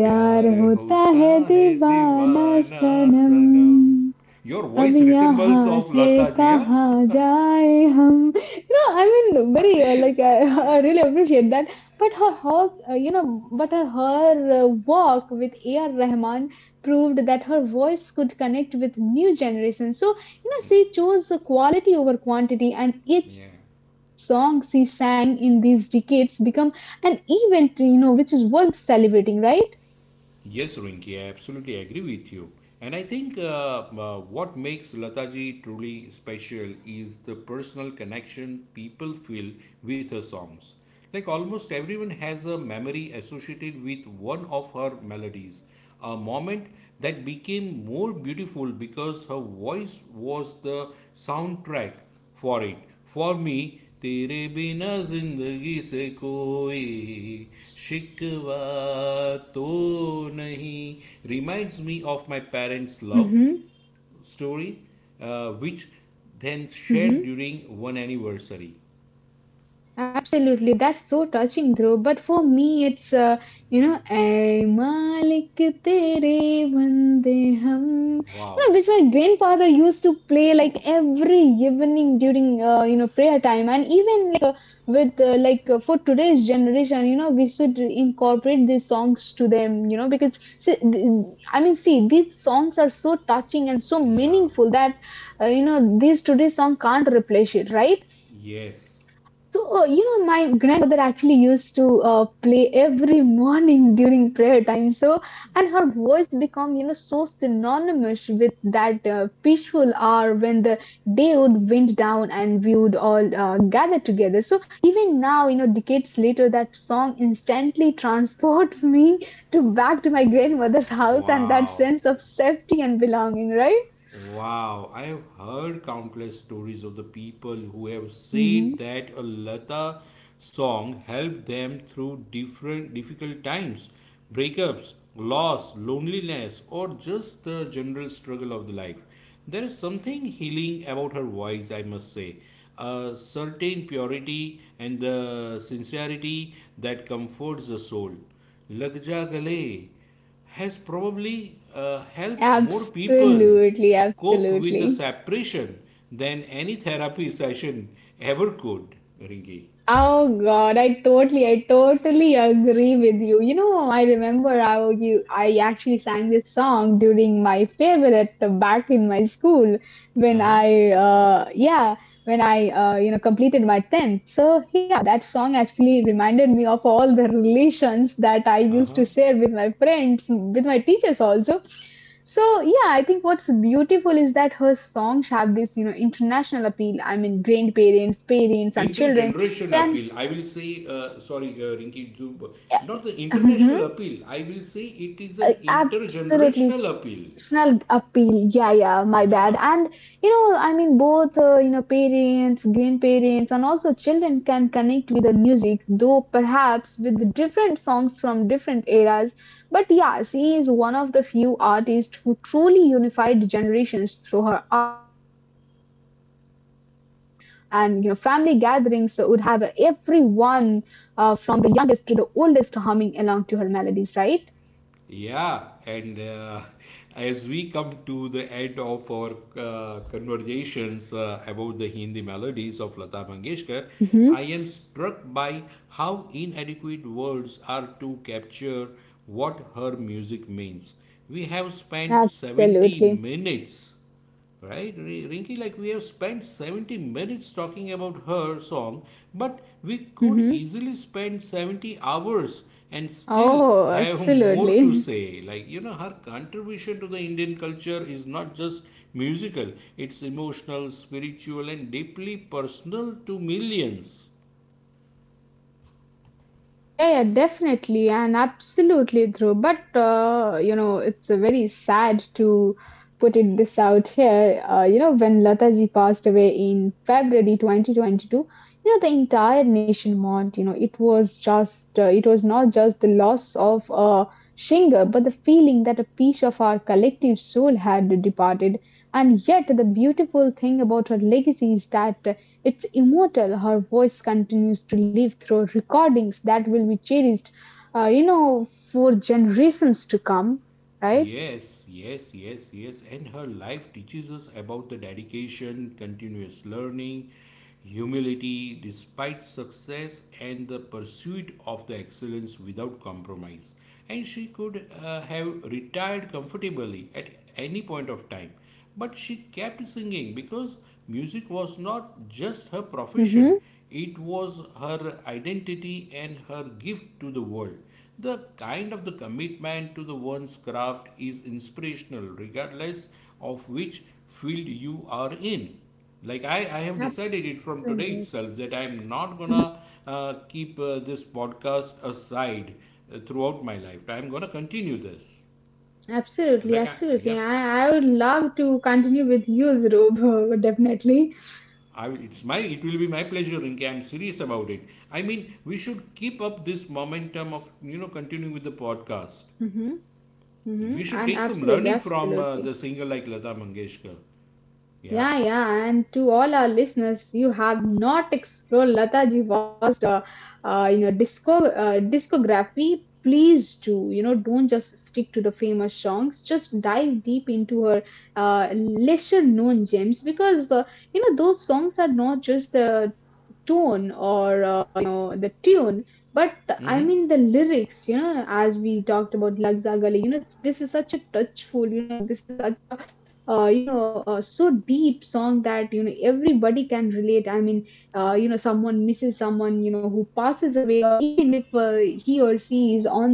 A: प्यार
B: प्यार
A: Hota
B: होता
A: Hai
B: है
A: Deewana
B: दीवाना सनम.
A: Sanam.
B: Your
A: अब
B: voice resembles
A: यहाँ
B: of
A: से
B: Lata Jiya.
A: कहाँ जाए हम? You know, I mean, very uh, like I, I really appreciate that. But her, her uh, you know, but her, her uh, walk with A R. Rahman proved that her voice could connect with new generations. So you know, she chose the quality over quantity, and each
B: Yeah.
A: song she sang in these decades become an event. You know, which is worth celebrating, right?
B: Yes, Rinki, I absolutely agree with you. And I think uh, uh, what makes Lataji truly special is the personal connection people feel with her songs. Like almost everyone has a memory associated with one of her melodies, a moment that became more beautiful because her voice was the soundtrack for it. For me, तेरे बिना जिंदगी से कोई शिकवा तो नहीं reminds me of my parents' love
A: Mm-hmm.
B: story, uh, which then shared during one anniversary.
A: Absolutely, that's so touching, Dhruv. But for me, it's uh, you know, "Ay Malik Tere Bande Hum," you know,
B: Wow.
A: which my grandfather used to play like every evening during, uh, you know, prayer time, and even with uh, like uh, for today's generation, you know, we should incorporate these songs to them, you know, because see, th- I mean, see, these songs are so touching and so
B: Yeah.
A: meaningful that, uh, you know, these today's song can't replace it, right?
B: Yes.
A: So, uh, you know, my grandmother actually used to uh, play every morning during prayer time. So, and her voice become, you know, so synonymous with that uh, peaceful hour when the day would wind down and we would all uh, gather together. So even now, you know, decades later, that song instantly transports me to back to my grandmother's house and that
B: Wow.
A: sense of safety and belonging, right?
B: Wow, I have heard countless stories of the people who have
A: Mhm.
B: said that a Lata song helped them through different difficult times, breakups, loss, loneliness, or just the general struggle of the life. There is something healing about her voice, I must say. A certain purity and the sincerity that comforts the soul. Lag ja gale has probably uh, helped more people
A: Absolutely,
B: cope with the
A: absolutely.
B: separation than any therapy session ever could, Rinki.
A: Oh God, I totally, I totally agree with you. You know, I remember how you, I actually sang this song during my favorite back in my school when
B: Uh-huh.
A: I, uh, yeah, when I, uh, you know, completed my tenth. So yeah, that song actually reminded me of all the relations that I used to
B: Uh-huh.
A: share with my friends, with my teachers also. So yeah, I think what's beautiful is that her songs have this, you know, international appeal. I mean, grandparents, parents, and children
B: Intergeneration
A: can
B: appeal, I will say, uh, sorry, uh, Rinki, not the
A: yeah.
B: international
A: Mm-hmm.
B: appeal, I will say it is an
A: Absolutely.
B: intergenerational appeal.
A: Snug appeal. Yeah, yeah, my bad.
B: Yeah.
A: And, you know, I mean, both, uh, you know, parents, grandparents, and also children can connect with the music, though perhaps with different songs from different eras. But yeah, she is one of the few artists who truly unified generations through her art and, and you know, family gatherings would have everyone uh, from the youngest to the oldest humming along to her melodies, right?
B: Yeah, and uh, as we come to the end of our uh, conversations uh, about the Hindi melodies of Lata Mangeshkar,
A: Mm-hmm.
B: I am struck by how inadequate words are to capture what her music means. We have spent seventy
A: Absolutely.
B: minutes. Right, Ri- Rinki, like we have spent seventy minutes talking about her song, but we could
A: Hmm.
B: easily spend seventy hours and still
A: Oh,
B: have more to
A: absolutely.
B: say. Like, you know, her contribution to the Indian culture is not just musical, it's emotional, spiritual, and deeply personal to millions.
A: Yeah, yeah, definitely, and absolutely true. But uh, you know, it's uh, very sad to put it this out here. Uh, you know, when Lataji passed away in February twenty twenty-two, you know, the entire nation mourned. You know, it was just, uh, it was not just the loss of a singer, but the feeling that a piece of our collective soul had departed. And yet, the beautiful thing about her legacy is that. It's immortal. Her voice continues to live through recordings that will be cherished, uh, you know, for generations to come, right?
B: Yes, yes, yes, yes. And her life teaches us about the dedication, continuous learning, humility, despite success, and the pursuit of the excellence without compromise. And she could uh, have retired comfortably at any point of time. But she kept singing because music was not just her profession,
A: Hmm.
B: it was her identity and her gift to the world. The kind of the commitment to the one's craft is inspirational, regardless of which field you are in. Like, I, I have decided it from today
A: Absolutely,
B: itself that I'm not gonna uh, keep uh, this podcast aside uh, throughout my life, I'm gonna continue this.
A: absolutely,
B: Like, I, yep,
A: absolutely. I, I would love to continue with you, Dhruv, definitely.
B: I, it's my it will be my pleasure, Rinke. I'm serious about it. I mean, we should keep up this momentum of you know continuing with the podcast.
A: Mm-hmm, mm-hmm,
B: We should
A: and
B: take some
A: absolutely,
B: learning from uh,
A: absolutely.
B: the singer like Lata Mangeshkar. Yeah.
A: Yeah, yeah, and to all our listeners, you have not explored Lataji was, uh, uh, you know, disco uh, discography. Please do, you know, don't just stick to the famous songs. Just dive deep into her uh, lesser known gems because, uh, you know those songs are not just the tone or, uh, you know, the tune, but
B: Mm-hmm.
A: I mean the lyrics, you know, as we talked about lagza lagzagali, you know, this is such a touchful, you know, this is such a uh, you know uh, so deep song, that you know everybody can relate. I mean, uh, you know, someone misses someone, you know, who passes away, or even if uh, he or she is on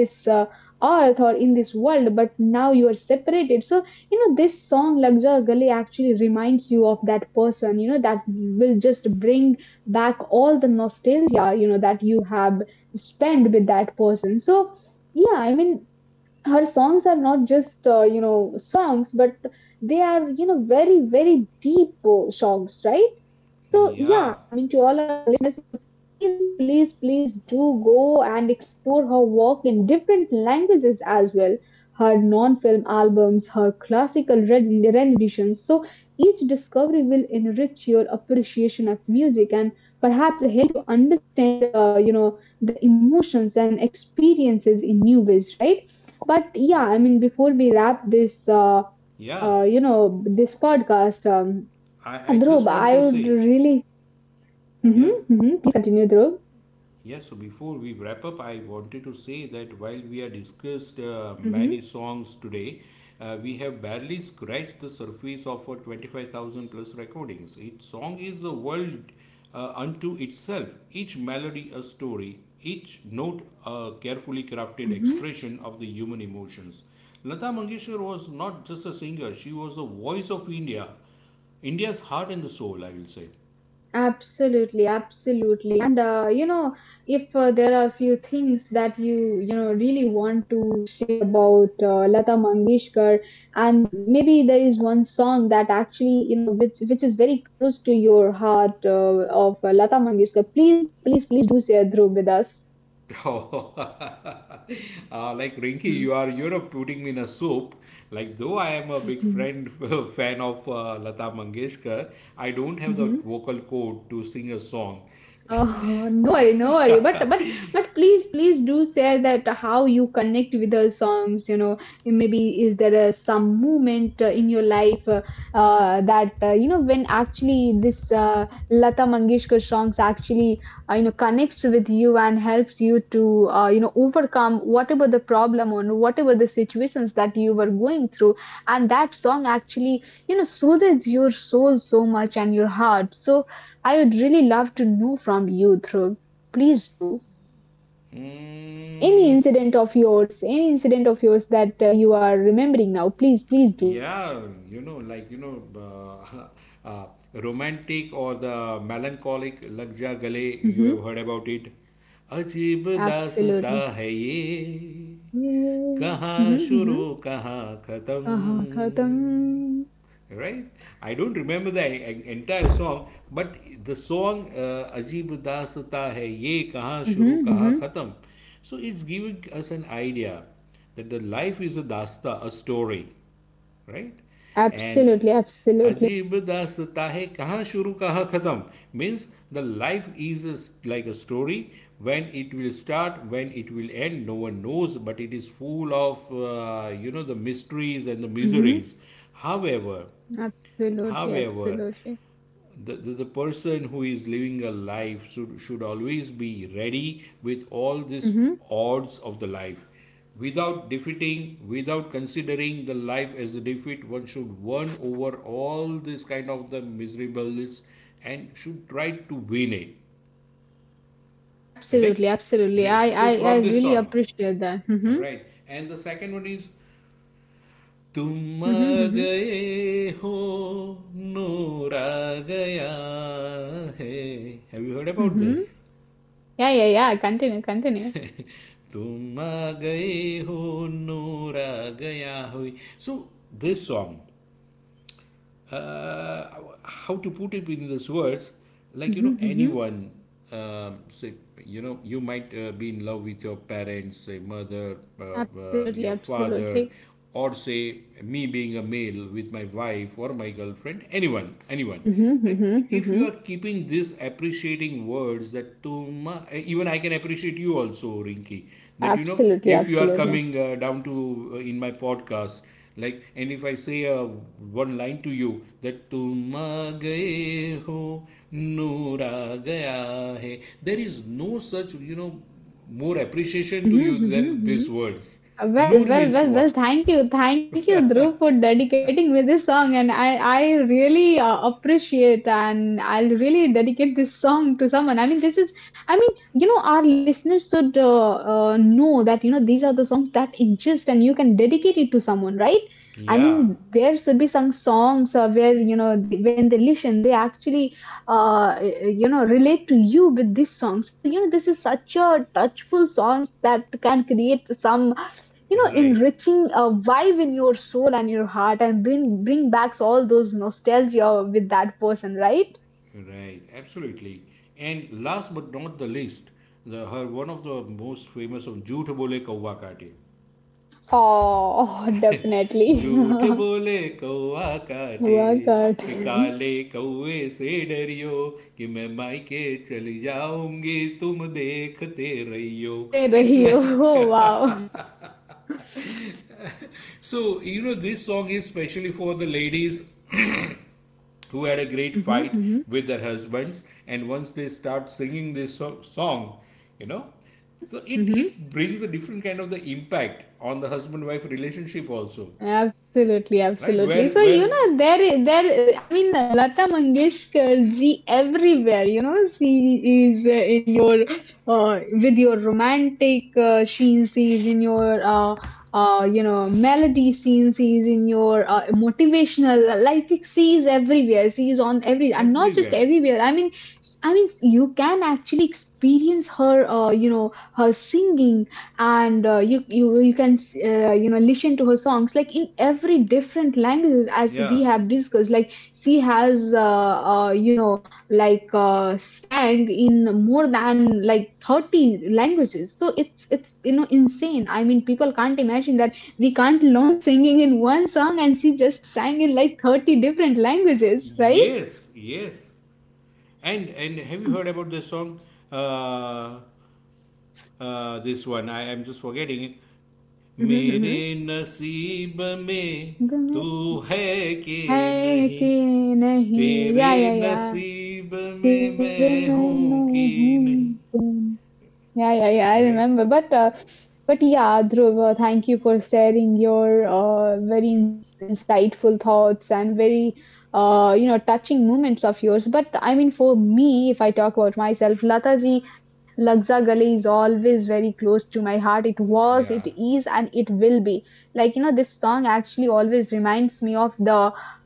A: this, uh, earth or in this world, but now you are separated. So you know, this song lagja gali actually reminds you of that person, you know, that will just bring back all the nostalgia, you know, that you have spent with that person. So yeah, I mean, her songs are not just, uh, you know songs, but they are, you know, very very deep, uh, songs, right? So
B: Yeah.
A: yeah, I mean, to all our listeners, you know, please please please do go and explore her work in different languages as well, her non-film albums, her classical red renditions. So each discovery will enrich your appreciation of music, and perhaps help you understand, uh, you know, the emotions and experiences in new ways, right? But
B: Uh,
A: yeah, I mean, before we wrap this, uh,
B: Yeah.
A: uh, you know, this podcast, um,
B: I, I
A: Dhruv,
B: just want
A: I
B: to
A: would
B: say,
A: really,
B: yeah.
A: hmm hmm, please continue, Dhruv.
B: Yeah, so before we wrap up, I wanted to say that while we have discussed uh, many
A: Hmm
B: songs today, uh, we have barely scratched the surface of our twenty-five thousand plus recordings. Each song is the world uh, unto itself, each melody a story, each note a carefully crafted
A: hmm.
B: expression of the human emotions. Lata Mangeshkar was not just a singer, she was the voice of India, India's heart and the soul, I will say.
A: Absolutely, absolutely. And, uh, you know, if uh, there are few things that you you know really want to say about, uh, Lata Mangeshkar, and maybe there is one song that actually you know which which is very close to your heart, uh, of, uh, Lata Mangeshkar, please, please, please do share, Dhruv, with us.
B: Uh, like, Rinky, you are you know putting me in a soup. Like, though I am a big
A: Mhm.
B: friend fan of uh, Lata Mangeshkar, I don't have the
A: Mhm.
B: vocal code to sing a song.
A: Oh, no worry, no worry. But but but please, please do share that how you connect with the songs. You know, maybe is there uh, some moment uh, in your life, uh, uh, that, uh, you know, when actually this, uh, Lata Mangeshkar songs actually, uh, you know, connects with you and helps you to, uh, you know, overcome whatever the problem or whatever the situations that you were going through, and that song actually you know soothes your soul so much and your heart. So I would really love to know from you, Dhruv. Please do. Any
B: Mm,
A: incident of yours, any incident of yours that, uh, you are remembering now, please, please do.
B: yeah. You know, like, you know, uh, uh, romantic or the melancholic Lagja Gale, you have
A: Mm-hmm.
B: heard about it. अजीब दासता
A: Absolutely.
B: है ये
A: Mm-hmm,
B: कहाँ शुरू
A: mm-hmm.
B: कहाँ
A: Uh-huh. Khatam.
B: खत्म, right? I don't remember the en- entire song, but the song uh, अजीब दासता है ये कहाँ
A: Mm-hmm,
B: शुरू कहाँ
A: mm-hmm.
B: खत्म. So it's giving us an idea that the life is a dasta, a story, right? And
A: Absolutely, absolutely.
B: Ajib Das Tahe Kaha Shuru Kaha Khatam means the life is a s- like a story. When it will start, when it will end, no one knows, but it is full of, uh, you know, the mysteries and the
A: Mm-hmm.
B: miseries. However,
A: Absolutely,
B: however,
A: absolutely.
B: the, the, the person who is living a life should, should always be ready with all these
A: Mm-hmm.
B: odds of the life, without defeating, without considering the life as a defeat, one should won over all this kind of the miserables and should try to win it.
A: Absolutely,
B: Correct.
A: absolutely.
B: Right.
A: I,
B: So
A: I, I
B: from this
A: really
B: song,
A: appreciate that. Mm-hmm.
B: right. And the second one is तुम
A: Mm-hmm. Mm-hmm.
B: गए हो नूरा गया है. Have you heard about
A: Mm-hmm.
B: This?
A: Yeah, yeah, yeah. Continue, continue.
B: तुम आ गए हो नूर आ गया हो. So this song, uh, how to put it in these words. Like, you know
A: Mm-hmm.
B: anyone, um, say, you know you might uh, be in love with your parents, say mother, uh, uh,
A: Absolutely,
B: your father,
A: absolutely.
B: or say me being a male with my wife or my girlfriend, anyone, anyone.
A: Mm-hmm,
B: Right,
A: mm-hmm,
B: if you
A: mm-hmm.
B: are keeping these appreciating words that tum, even I can appreciate you also, Rinki, that you know
A: Absolutely,
B: if you are
A: absolutely.
B: coming uh, down to uh, in my podcast, like, and if I say uh, one line to you that "तुम आ गए हो नूर आ गया है," there is no such, you know more appreciation to
A: Mm-hmm,
B: you
A: mm-hmm,
B: than these
A: mm-hmm.
B: words. Noor
A: Well, well,
B: means
A: well, well.
B: what?
A: Thank you, thank you, Dhruv, for dedicating me this song, and I, I really uh, appreciate, and I'll really dedicate this song to someone. I mean, this is, I mean, you know, our listeners should, uh, uh, know that you know these are the songs that exist, and you can dedicate it to someone, right? I
B: Yeah,
A: mean, there should be some songs, uh, where you know they when they listen, they actually, uh, you know, relate to you with this song. So you know, this is such a touchful songs that can create some you know
B: right,
A: enriching a vibe in your soul and your heart, and bring bring back all those nostalgia with that person, right?
B: right, absolutely. And last but not the least, the her one of the most famous of Jhoot Bole Kawa Kaate.
A: Oh, definitely.
B: झूठ बोले कौआ काटे,
A: Workout.
B: कि काले कौए से डरियो, कि मैं मायके चली जाऊंगी, तुम देखते रहियो.
A: दे
B: इट्स
A: रही हो.
B: Like,
A: Oh, wow.
B: So you know this song is specially for the ladies, who had a great
A: Hmm
B: fight
A: hmm.
B: with their husbands, and once they start singing this so- song you know
A: Hmm
B: so it
A: hmm.
B: it brings a different kind of the impact on the husband wife relationship also.
A: Absolutely,
B: Right. where
A: absolutely. So you
B: where
A: know, there i- there, I mean, Lata Mangeshkar ji, everywhere, you know, she is, uh, in, uh, with your romantic, uh, sheen scenes in your, uh, uh, you know melody scene scenes in your, uh, motivational, like it sees everywhere, sees on every, and not just
B: Everywhere.
A: everywhere, I mean, s- I mean, you can actually experience her, uh, you know, her singing, and, uh, you, you you can s- uh, you know listen to her songs like in every different languages as we
B: Yeah.
A: have discussed, like she has, uh, uh, you know like uh, sang in more than like thirty languages. So it's, it's you know insane. I mean people can't imagine that we can't learn singing in one song, and she just sang in like thirty different languages, right?
B: Yes. Yes. And and have you heard about the song? Uh, uh, this one, I am just forgetting it.
A: Mm-hmm,
B: मेरे
A: mm-hmm.
B: नसीब में
A: गुम
B: तू है कि
A: है कि
B: नहीं,
A: नहीं
B: तेरे
A: या या या
B: नसीब में
A: जीव
B: मैं
A: में
B: हूँ कि
A: मैं
B: नहीं.
A: हूँ. Yeah, yeah, yeah. I
B: Right.
A: remember, but uh, but yeah, Dhruv, uh, thank you for sharing your uh, very ins insightful thoughts and very uh, you know touching moments of yours. But I mean, for me, if I talk about myself, Lataji Lagza Gale is always very close to my heart. It was, it
B: Yeah.
A: is, and it will be. Like you know, this song actually always reminds me of the.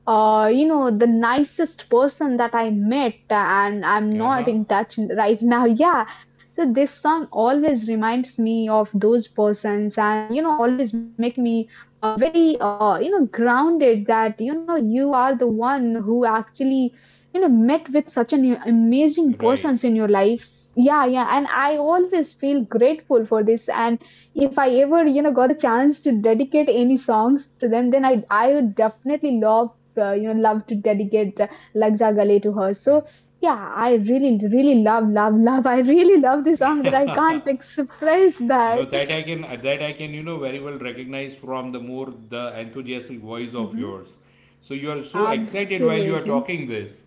A: Uh, you know The nicest person that I met, and I'm not
B: Uh-huh.
A: in touch right now. Yeah, so this song always reminds me of those persons and you know always make me uh, very uh, you know grounded that you know you are the one who actually you know met with such an amazing persons
B: Right.
A: in your lives. Yeah, yeah, and I always feel grateful for this, and if I ever you know got the chance to dedicate any songs to them, then I I would definitely love uh, you know love to dedicate uh, Lagja Gale to her. So yeah, I really, really love, love, love. I really love this song that I can't express
B: No,
A: that.
B: that I can uh, that I can you know very well recognize from the more the enthusiastic voice of
A: Hmm.
B: yours. So you are so excited while you are
A: Absolutely.
B: talking this.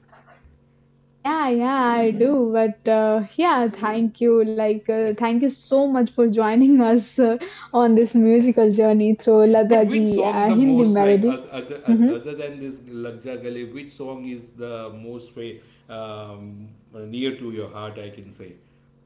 A: Yeah, yeah, I do. But uh, yeah, thank you. Like, uh, thank you so much for joining us uh, on this musical journey through Lata
B: But which
A: ji
B: song
A: uh,
B: the
A: Hindi
B: most like
A: melodies.
B: oth- other oth-
A: Mhm.
B: other than this Lag Ja Gale? Which song is the most way, um, near to your heart? I can say.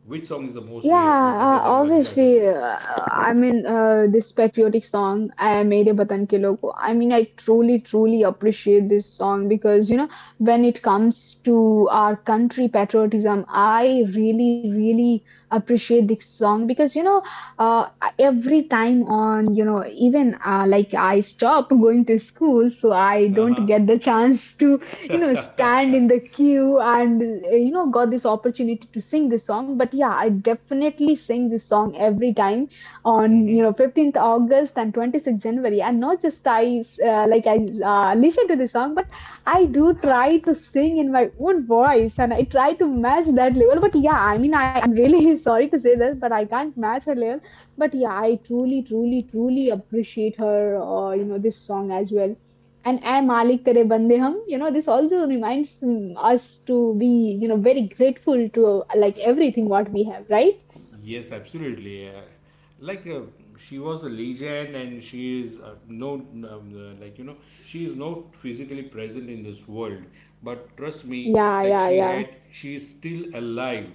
B: Which song is the most
A: Yeah,
B: near other
A: uh,
B: than Lag Ja Gale?
A: obviously. Uh, I mean, uh, this patriotic song, I Mere Vatan Ke Logo. I mean, I truly, truly appreciate this song because, you know, when it comes to our country patriotism, I really, really appreciate this song because, you know, uh, every time on, you know, even uh, like I stop going to school, so I
B: Uh
A: don't
B: huh.
A: get the chance to you know stand in the queue and uh, you know got this opportunity to sing this song. But yeah, I definitely sing this song every time on
B: Mm-hmm.
A: you know fifteenth august and twenty-sixth january. And not just I uh, like I uh, listen to this song, I do try to sing in my own voice and I try to match that level. But yeah, I mean, I, I'm really sorry to say this, but I can't match her level. But yeah, I truly, truly, truly appreciate her, uh, you know, this song as well. And Ay Malik Kare Bande Hum, you know, this also reminds mm, us to be, you know, very grateful to uh, like everything what we have, right?
B: Yes, absolutely. Uh, like, uh, she was a legend, and she is uh, no, um, uh, like, you know she is not physically present in this world. But trust me,
A: Yeah,
B: like
A: yeah,
B: she
A: yeah.
B: had, she is still alive,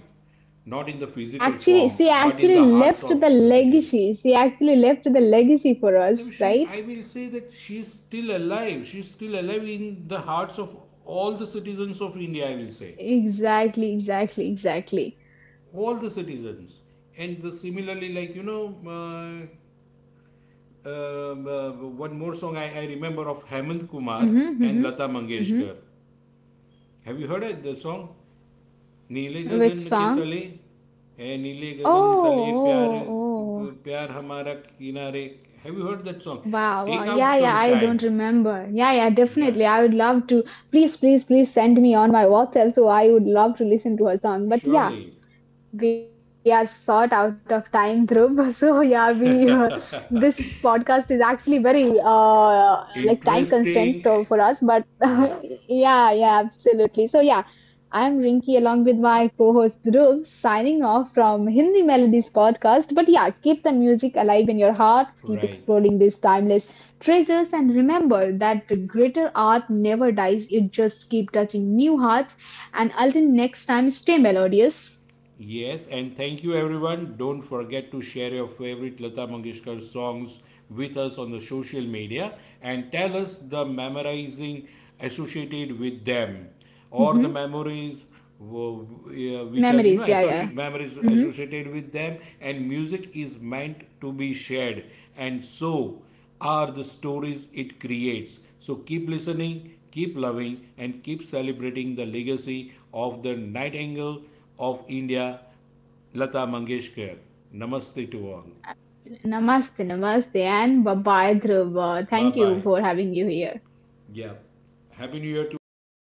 B: not in the
A: She
B: physical
A: actually,
B: form,
A: she
B: but in
A: actually
B: the hearts
A: left
B: of
A: the
B: the citizen.
A: legacy. She actually left the legacy for
B: Then,
A: us,
B: she,
A: right?
B: I will say that she is still alive. She is still alive in the hearts of all the citizens of India. I will say
A: Exactly, exactly, exactly.
B: all the citizens, and the similarly, like, you know uh, uh, uh, one more song I, I remember of Hemant Kumar
A: Mm-hmm, mm-hmm,
B: and Lata
A: mm-hmm.
B: Mangeshkar. Have you heard it, the song? नीले
A: Which
B: गगन के
A: song?
B: तले, ए नीले
A: Oh,
B: गगन तले प्यार,
A: oh, oh.
B: प्यार हमारा किनारे. Have you heard that song?
A: Wow, wow.
B: Take
A: Yeah,
B: out
A: yeah,
B: some
A: I
B: time
A: don't remember. Yeah, yeah,
B: या
A: definitely. I would love to. Please, please, please send me on my WhatsApp so I would love to listen to her song. But yeah,
B: surely.
A: we are sort out of time, Dhruv. So yeah, we uh, this podcast is actually very uh like time constraint to-
B: interesting.
A: for us. But
B: yes.
A: yeah, yeah, absolutely. So yeah, I'm Rinki along with my co-host Dhruv, signing off from Hindi Melodies Podcast. But yeah, keep the music alive in your hearts, keep
B: right.
A: exploring these timeless treasures, and remember that the greater art never dies, it just keep touching new hearts. And until next time, stay melodious.
B: Yes, and thank you everyone. Don't forget to share your favorite Lata Mangeshkar songs with us on the social media, and tell us the memorizing associated with them, or the
A: Mm-hmm.
B: memories, wo- uh, which are you
A: Memories,
B: know
A: yeah, yeah.
B: associate memories
A: Mm-hmm.
B: associated with them, and music is meant to be shared, and so are the stories it creates. So keep listening, keep loving, and keep celebrating the legacy of the nightingale of India, Lata Mangeshkar. Namaste to all.
A: Namaste, namaste, and bye bye, Dhruva.
B: Bye
A: Thank you
B: bye.
A: for having you here.
B: Yeah. Happy New Year to all the